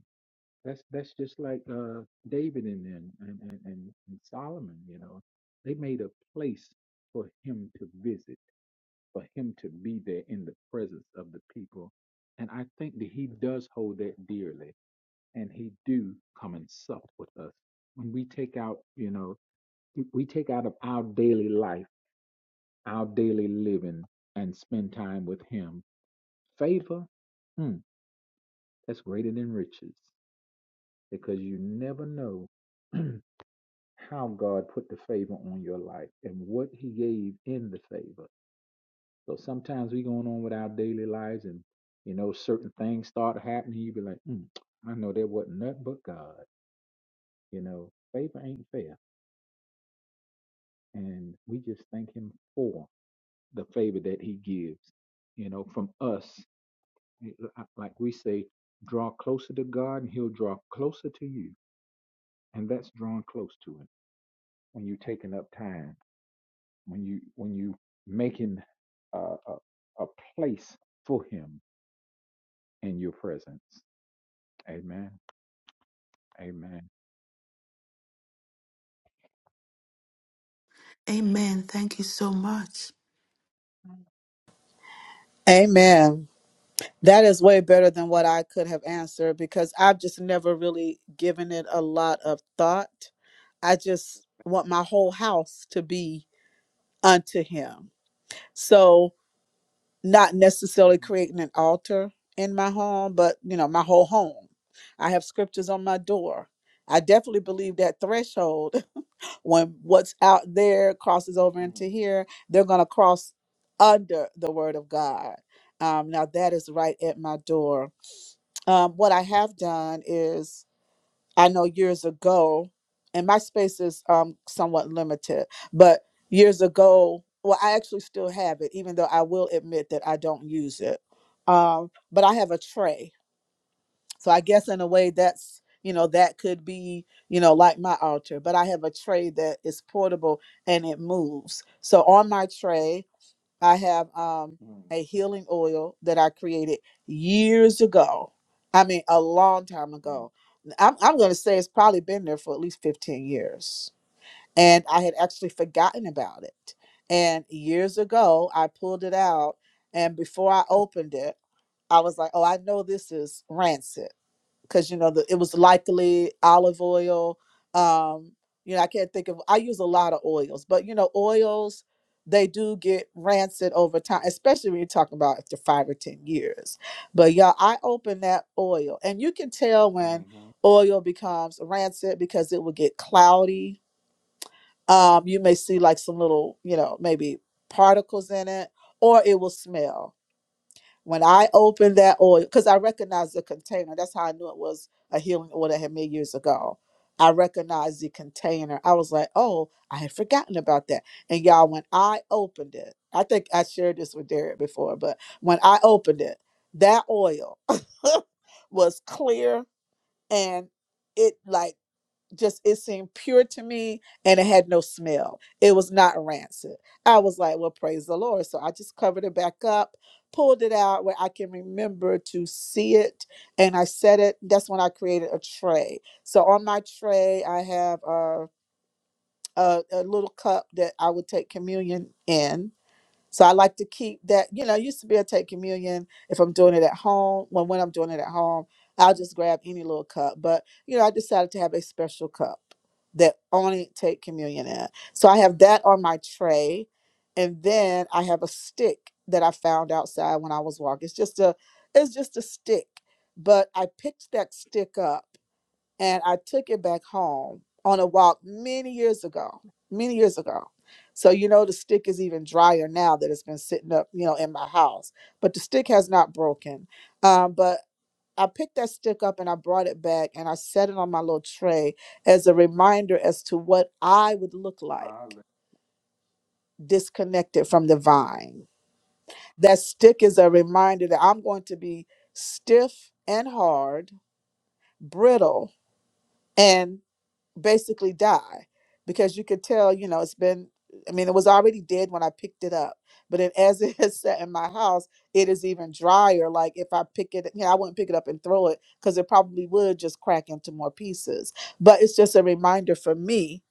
[SPEAKER 2] that's that's just like uh, David and and, and and and and Solomon. You know, they made a place for him to visit, for him to be there in the presence of the people, and I think that he does hold that dearly, and he do come and sup with us when we take out, you know, we we take out of our daily life our daily living and spend time with Him. Favor, mm, that's greater than riches because you never know how God put the favor on your life and what He gave in the favor. So sometimes we going on with our daily lives and you know certain things start happening. You be like, mm, I know there wasn't nothing but God. You know, favor ain't fair, and we just thank Him for the favor that He gives. You know, from us Like we say, draw closer to God and he'll draw closer to you. And that's drawing close to him when you're taking up time, when you when you making a, a, a place for him in your presence. Amen. Amen.
[SPEAKER 3] Amen. Thank you so much.
[SPEAKER 1] Amen. That is way better than what I could have answered because I've just never really given it a lot of thought. I just want my whole house to be unto him. So, not necessarily
[SPEAKER 2] Mm-hmm.
[SPEAKER 1] creating an altar in my home, but you know, my whole home. I have scriptures on my door. I definitely believe that threshold when what's out there crosses over into here, they're going to cross under the word of God. Um, now, that is right at my door um, what I have done is I know years ago, and my space is um, somewhat limited, but years ago, well, I actually still have it, even though I will admit that I don't use it. Um, but I have a tray. So I guess in a way that's, you know, that could be, you know, like my altar, but I have a tray that is portable and it moves. So on my tray, I have um a healing oil that I created years ago. I mean, a long time ago. I'm I'm going to say it's probably been there for at least 15 years. And I had actually forgotten about it. And years ago, I pulled it out and before I opened it, I was like, "Oh, I know this is rancid." because you know the, it was likely olive oil um you know i can't think of i use a lot of oils but you know oils they do get rancid over time especially when you're talking about after five or ten years but y'all i open that oil and you can tell when oil becomes rancid because it will get cloudy um you may see like some little you know maybe particles in it or it will smell when I opened that oil, because I recognized the container, that's how I knew it was a healing oil that I had made years ago. I recognized the container. I was like, oh, I had forgotten about that. And y'all, when I opened it, I think I shared this with Derek before, but when I opened it, that oil was clear and it like just it seemed pure to me and it had no smell. It was not rancid. I was like, well, praise the Lord. So I just covered it back up, pulled it out where I can remember to see it. And I set it. That's when I created a tray. So on my tray, I have a, a, a little cup that I would take communion in so I like to keep that, you know, I used to be able take communion if I'm doing it at home. Well, when I'm doing it at home, I'll just grab any little cup. But, you know, I decided to have a special cup that only take communion in. So I have that on my tray. And then I have a stick that I found outside when I was walking. It's just a it's just a stick. But I picked that stick up and I took it back home on a walk many years ago, many years ago. So you know the stick is even drier now that it's been sitting up, you know, in my house. But the stick has not broken. Um, but I picked that stick up and I brought it back and I set it on my little tray as a reminder as to what I would look like disconnected from the vine. That stick is a reminder that I'm going to be stiff and hard, brittle, and basically die because you could tell, you know, it's been, I mean, it was already dead when I picked it up. But it, as it has sat in my house, it is even drier. Like if I pick it, you know, I wouldn't pick it up and throw it because it probably would just crack into more pieces. But it's just a reminder for me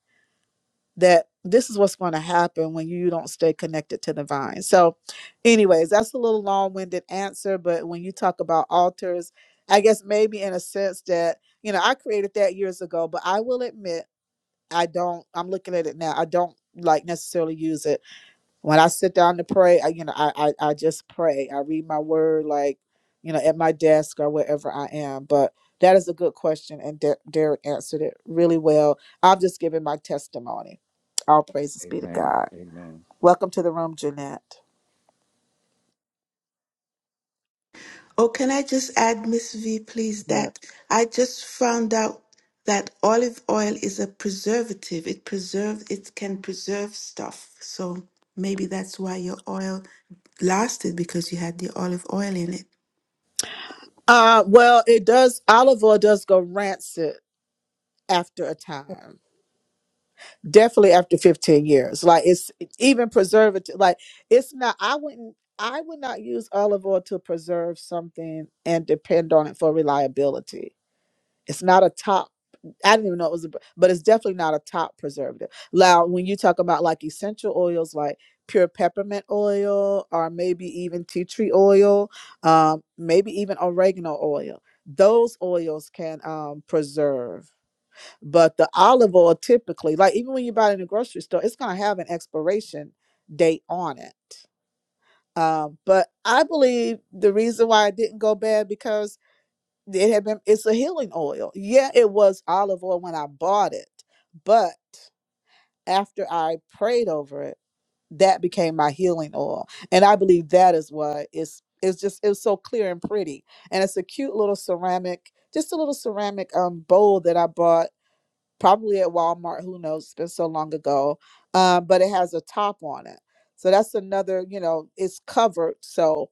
[SPEAKER 1] that this is what's going to happen when you don't stay connected to the vine. So, anyways, that's a little long winded answer. But when you talk about altars, I guess maybe in a sense that, you know, I created that years ago, but I will admit I don't. I'm looking at it now. I don't like necessarily use it when I sit down to pray. I, you know, I, I I just pray. I read my word, like you know, at my desk or wherever I am. But that is a good question, and Der- Derek answered it really well. I'm just giving my testimony. All praises be to
[SPEAKER 2] Amen.
[SPEAKER 1] God.
[SPEAKER 2] Amen.
[SPEAKER 1] Welcome to the room, Jeanette.
[SPEAKER 3] Oh, can I just add, Miss V, please,
[SPEAKER 1] Yeah.
[SPEAKER 3] that I just found out that olive oil is a preservative. It preserve it can preserve stuff. So maybe that's why your oil lasted because you had the olive oil in it.
[SPEAKER 1] Uh, well, it does. Olive oil does go rancid after a time. definitely after 15 years like it's even preservative like it's not i wouldn't i would not use olive oil to preserve something and depend on it for reliability it's not a top i didn't even know it was a, but it's definitely not a top preservative now when you talk about like essential oils like pure peppermint oil or maybe even tea tree oil um, maybe even oregano oil those oils can um, preserve but the olive oil typically, like even when you buy it in a grocery store, it's going to have an expiration date on it. Um, but I believe the reason why it didn't go bad because it had been it's a healing oil. Yeah, it was olive oil when I bought it, but after I prayed over it, that became my healing oil. And I believe that is why it's it's just it was so clear and pretty. And it's a cute little ceramic, just a little ceramic um bowl that I bought probably at Walmart. Who knows? It's been so long ago. Um, but it has a top on it. So that's another, you know, it's covered. So,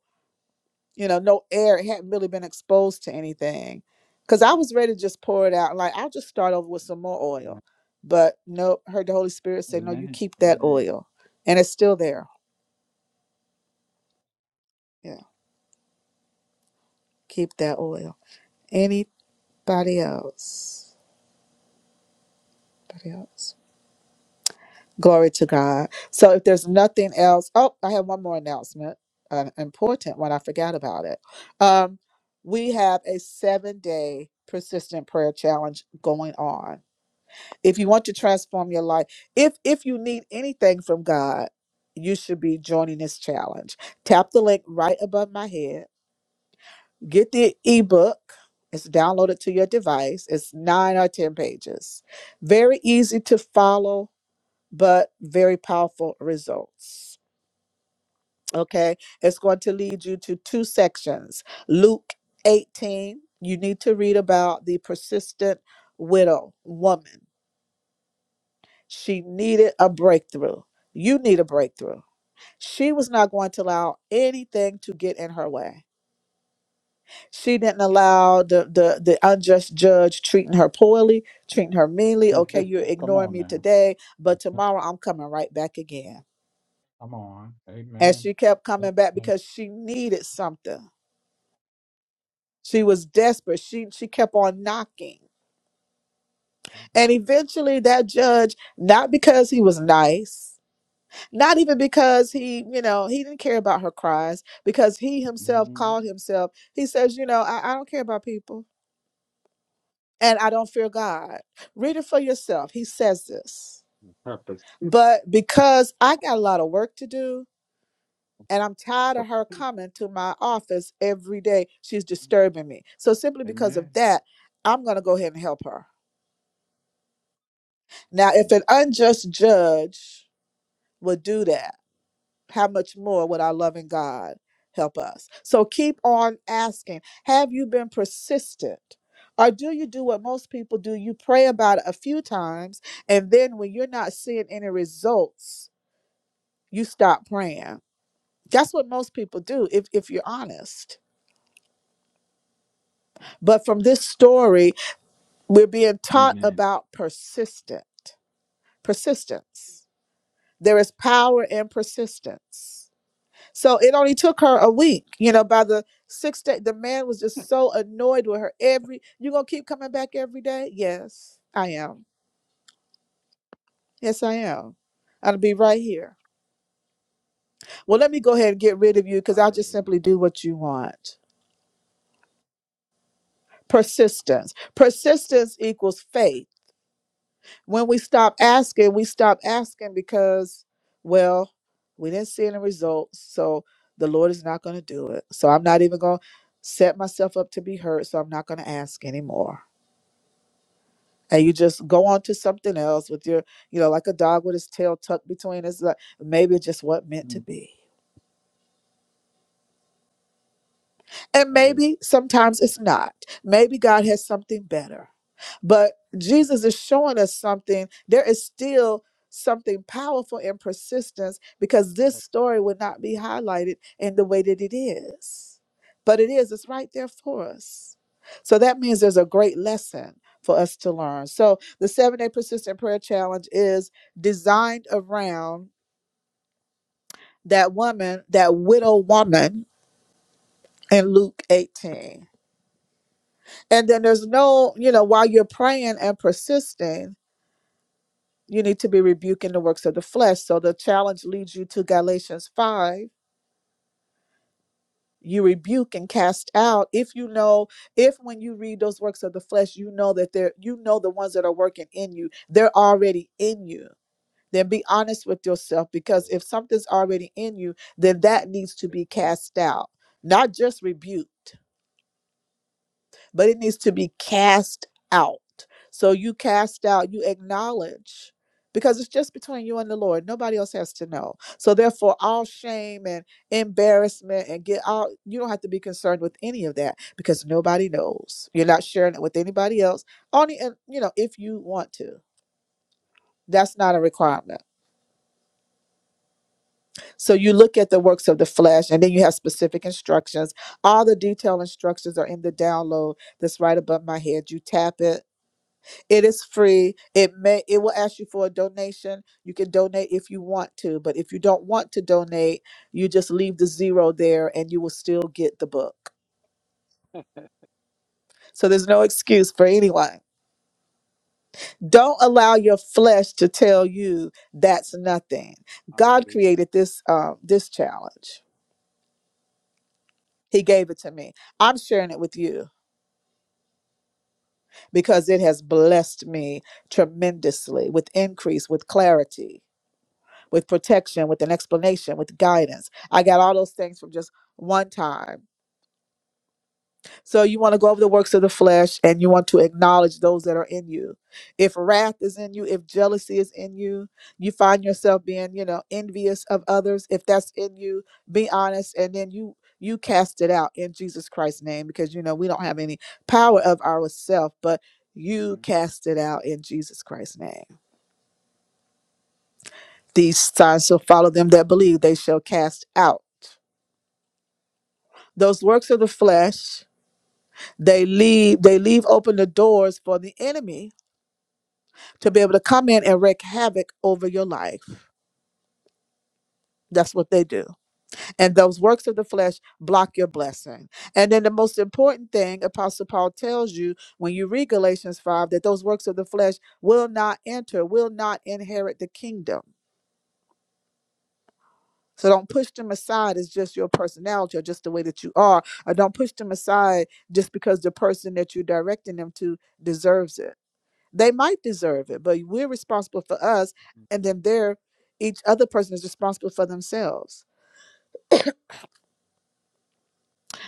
[SPEAKER 1] you know, no air. It hadn't really been exposed to anything. Cause I was ready to just pour it out. Like, I'll just start over with some more
[SPEAKER 2] Amen.
[SPEAKER 1] oil. But no, heard the Holy Spirit say, no, you
[SPEAKER 2] Amen.
[SPEAKER 1] keep that
[SPEAKER 2] Amen.
[SPEAKER 1] oil. And it's still there. Yeah. Keep that oil. Anybody else? Anybody else? Glory to God. So if there's nothing else, oh, I have one more announcement, an important one. I forgot about it. Um, we have a seven day persistent prayer challenge going on. If you want to transform your life, if if you need anything from God, you should be joining this challenge. Tap the link right above my head. Get the ebook. It's downloaded to your device. It's nine or ten pages. Very easy to follow but very powerful results. Okay, it's going to lead you to two sections. Luke 18, you need to read about the persistent widow woman. She needed a breakthrough. You need a breakthrough. She was not going to allow anything to get in her way. She didn't allow the, the, the unjust judge treating her poorly, treating her meanly. Okay, you're
[SPEAKER 2] Come
[SPEAKER 1] ignoring
[SPEAKER 2] on
[SPEAKER 1] me
[SPEAKER 2] now.
[SPEAKER 1] today, but tomorrow I'm coming right back again.
[SPEAKER 2] Come on.
[SPEAKER 1] and
[SPEAKER 2] Amen.
[SPEAKER 1] she kept coming back
[SPEAKER 2] Amen.
[SPEAKER 1] because she needed something she was desperate she she kept on knocking and eventually that judge not because he was nice not even because he you know he didn't care about her cries because he
[SPEAKER 2] Mhm.
[SPEAKER 1] himself
[SPEAKER 2] Mhm.
[SPEAKER 1] called himself he says you know i, I don't care about people and i don't fear god read it for yourself he says this
[SPEAKER 2] Purpose.
[SPEAKER 1] but because i got a lot of work to do And I'm tired of her coming to my office every day. She's disturbing me. So simply because
[SPEAKER 2] Amen.
[SPEAKER 1] of that, I'm going to go ahead and help her. Now, if an
[SPEAKER 2] Mm.
[SPEAKER 1] unjust judge would do that, how much more would our loving God help us? So keep on asking. Have you been persistent? Or do you do what most people do? You pray about it a few times, and then when you're not seeing any results, you stop praying. That's what most people do if, if you're honest But from this story, we're being taught
[SPEAKER 2] Amen.
[SPEAKER 1] about persistent persistence. There is power in persistence. So it only took her a week. You know, by the sixth day, the man was just so annoyed with her. Every you gonna keep coming back every day? Yes, I am. Yes, I am. I'll be right here. Well, let me go ahead and get rid of you because I'll just simply
[SPEAKER 2] Hallelujah.
[SPEAKER 1] do what you want. Persistence. Persistence equals faith when we stop asking, we stop asking because, well, we didn't see any results. So the Lord is not going to do it. So I'm not even going to set myself up to be hurt. So I'm not going to ask anymore. And you just go on to something else with your, you know, like a dog with his tail tucked between his, like maybe it just wasn't meant to
[SPEAKER 2] Mm.
[SPEAKER 1] be. And
[SPEAKER 2] Amen.
[SPEAKER 1] maybe sometimes it's not. Maybe God has something better. But Jesus is showing us something. There is still something powerful in persistence because this story would not be highlighted in the way that it is. But it is, it's right there for us. So that means there's a great lesson for us to learn. So the seven day persistent prayer challenge is designed around that woman, that widow woman in Luke 18 And then there's no, you know, while you're praying and persisting, you need to be rebuking the works of the flesh. So the challenge leads you to Galatians 5. You rebuke and cast out if you know, if when you read those works of the flesh, you know that they're, you know, the ones that are working in you, they're already in you. Then be honest with yourself because if something's already in you, then that needs to be
[SPEAKER 2] Amen.
[SPEAKER 1] cast out, not just rebuked. but it needs to be cast out. So you cast out, you acknowledge, because it's just between you and the Lord. Nobody else has to know. So therefore, all shame and embarrassment and get all you don't have to be concerned with any of that because nobody knows. You're not sharing it with anybody else. Only and you know, if you want to. That's not a requirement. So you look at the works of the flesh and then you have specific instructions. All the detailed instructions are in the download that's right above my head. You tap it It is free. It may it will ask you for a donation. You can donate if you want to, but if you don't want to donate, you just leave the zero there and you will still get the book. So there's no excuse for anyone. Don't allow your flesh to tell you that's nothing. God
[SPEAKER 2] Hallelujah.
[SPEAKER 1] created this um, this challenge. He gave it to me. I'm sharing it with you because it has blessed me tremendously with increase, with clarity. with protection, with an explanation, with guidance. I got all those things from just one time. So you want to go over the works of the flesh and you want to acknowledge those that are in you. If wrath is in you, if jealousy is in you, you find yourself being, you know, envious of others, if that's in you, be honest and then you you cast it out in Jesus Christ's name because you know we don't have any power of ourselves, but you
[SPEAKER 2] Amen.
[SPEAKER 1] cast it out in Jesus Christ's name. These signs shall follow them that believe, they shall cast out. Those works of the flesh, they leave they leave open the doors for the enemy to be able to come in and wreak havoc over your life. That's what they do. And those works of the flesh block your blessing. And then the most important thing Apostle Paul tells you when you read Galatians 5 that those works of the flesh will not enter, will not inherit the kingdom. So don't push them aside as just your personality or just the way that you are. Or don't push them aside just because the person that you're directing them to deserves it They might deserve it, but we're responsible for us, and then they're each other person is responsible for themselves.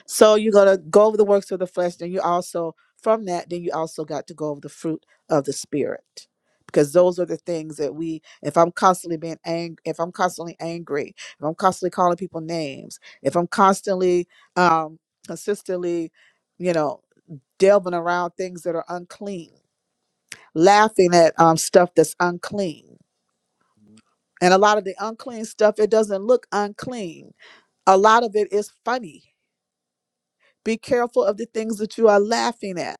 [SPEAKER 1] So you're gonna go over the works of the flesh, then you also from that, then you also got to go over the fruit of the spirit. Because those are the things that we, if I'm constantly being angry, if I'm constantly angry, if I'm constantly calling people names, if I'm constantly, um, consistently, you know, delving around things that are unclean, laughing at um, stuff that's unclean.
[SPEAKER 2] Mm.
[SPEAKER 1] And a lot of the unclean stuff, it doesn't look unclean. A lot of it is funny. Be careful of the things that you are laughing at.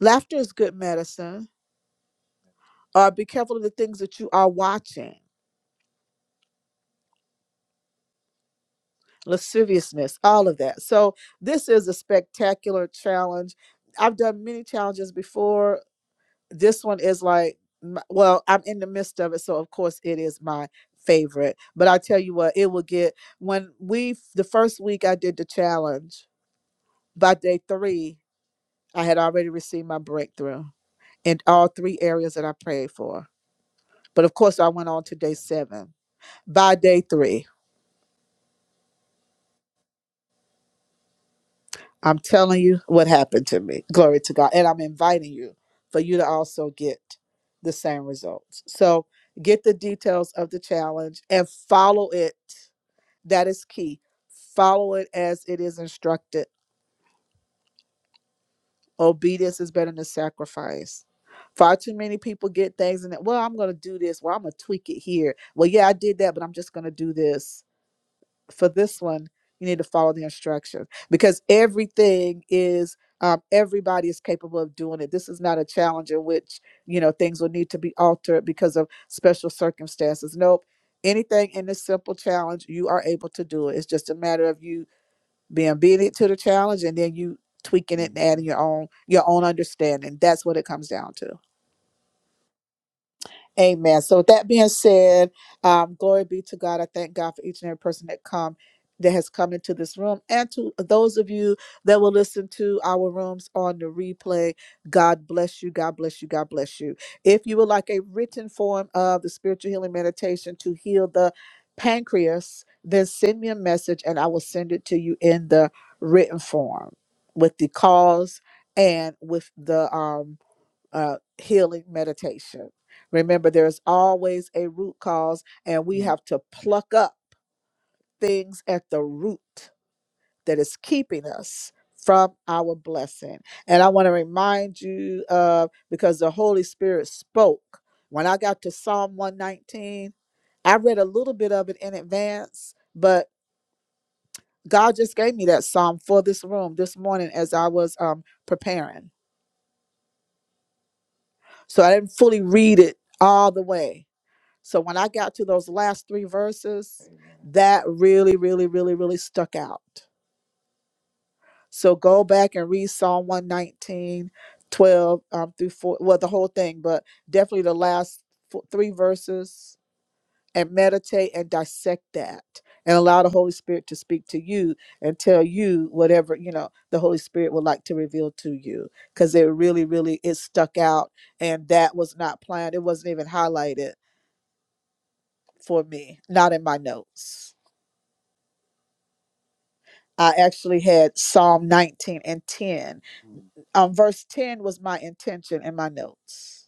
[SPEAKER 1] Laughter is good medicine. Or be careful of the things that you are watching, lasciviousness, all of that. So, this is a spectacular challenge. I've done many challenges before. This one is like, m- well, I'm in the midst of it. So, of course, it is my favorite. But I tell you what, it will get, when we, the first week I did the challenge, By day three, I had already received my breakthrough in all three areas that I prayed for. But of course, I went on to day
[SPEAKER 2] Amen.
[SPEAKER 1] seven. By day three, I'm telling you what happened to me. Glory to God. And I'm inviting you for you to also get the same results. So get the details of the challenge and follow it. That is key. Follow it as it is instructed Obedience is better than sacrifice. Far too many people get things and well, I'm gonna do this. Well, I'm gonna tweak it here. Well, yeah, I did that, but I'm just gonna do this. For this one, you need to follow the instructions because everything is um, everybody is capable of doing it. This is not a challenge in which you know things will need to be altered because of special circumstances. Nope. Anything in this simple challenge, you are able to do it. It's just a matter of you being obedient to the challenge and then you tweaking it and
[SPEAKER 2] Mm-hmm.
[SPEAKER 1] adding your own your own understanding that's what it comes down to Amen. So with that being said, um, glory be to God. I thank God for each and every person that come that has come into this room and to those of you that will listen to our rooms on the replay. God bless you. God bless you. God bless you. If you would like a written form of the spiritual healing meditation to heal the pancreas, then send me a message and I will send it to you in the written form with the cause and with the um uh, healing meditation. Remember, there's always a root cause, and we have to pluck up things at the root that is keeping us from our blessing. And I want to remind you of because the Holy Spirit spoke. When I got to Psalm 119, I read a little bit of it in advance, but God just gave me that psalm for this room this morning as I
[SPEAKER 2] Amen.
[SPEAKER 1] was um, preparing. So I didn't fully read it all the way So when I got to those last three verses,
[SPEAKER 2] Amen.
[SPEAKER 1] that really, really, really, really stuck out. So go back and read Psalm one nineteen, twelve um, through 4, well, the whole thing, but definitely the last fo- three verses and meditate and dissect that and allow the Holy Spirit to speak to you and tell you whatever, you know, the Holy Spirit would like to reveal to you. Because it really, really, it stuck out and that was not planned. It wasn't even highlighted for me, not in my notes. I actually had Psalm 19 and 10. Um, verse 10 was my intention in my notes.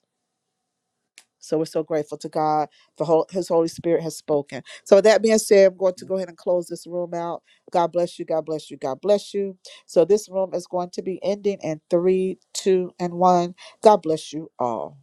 [SPEAKER 1] So we're so grateful to God for hol- His Holy Spirit has spoken. So, with that being said, I'm going to
[SPEAKER 2] Mm.
[SPEAKER 1] go ahead and close this room out. God bless you. God bless you. God bless you. So, this room is going to be ending in three, two, and one. God bless you all.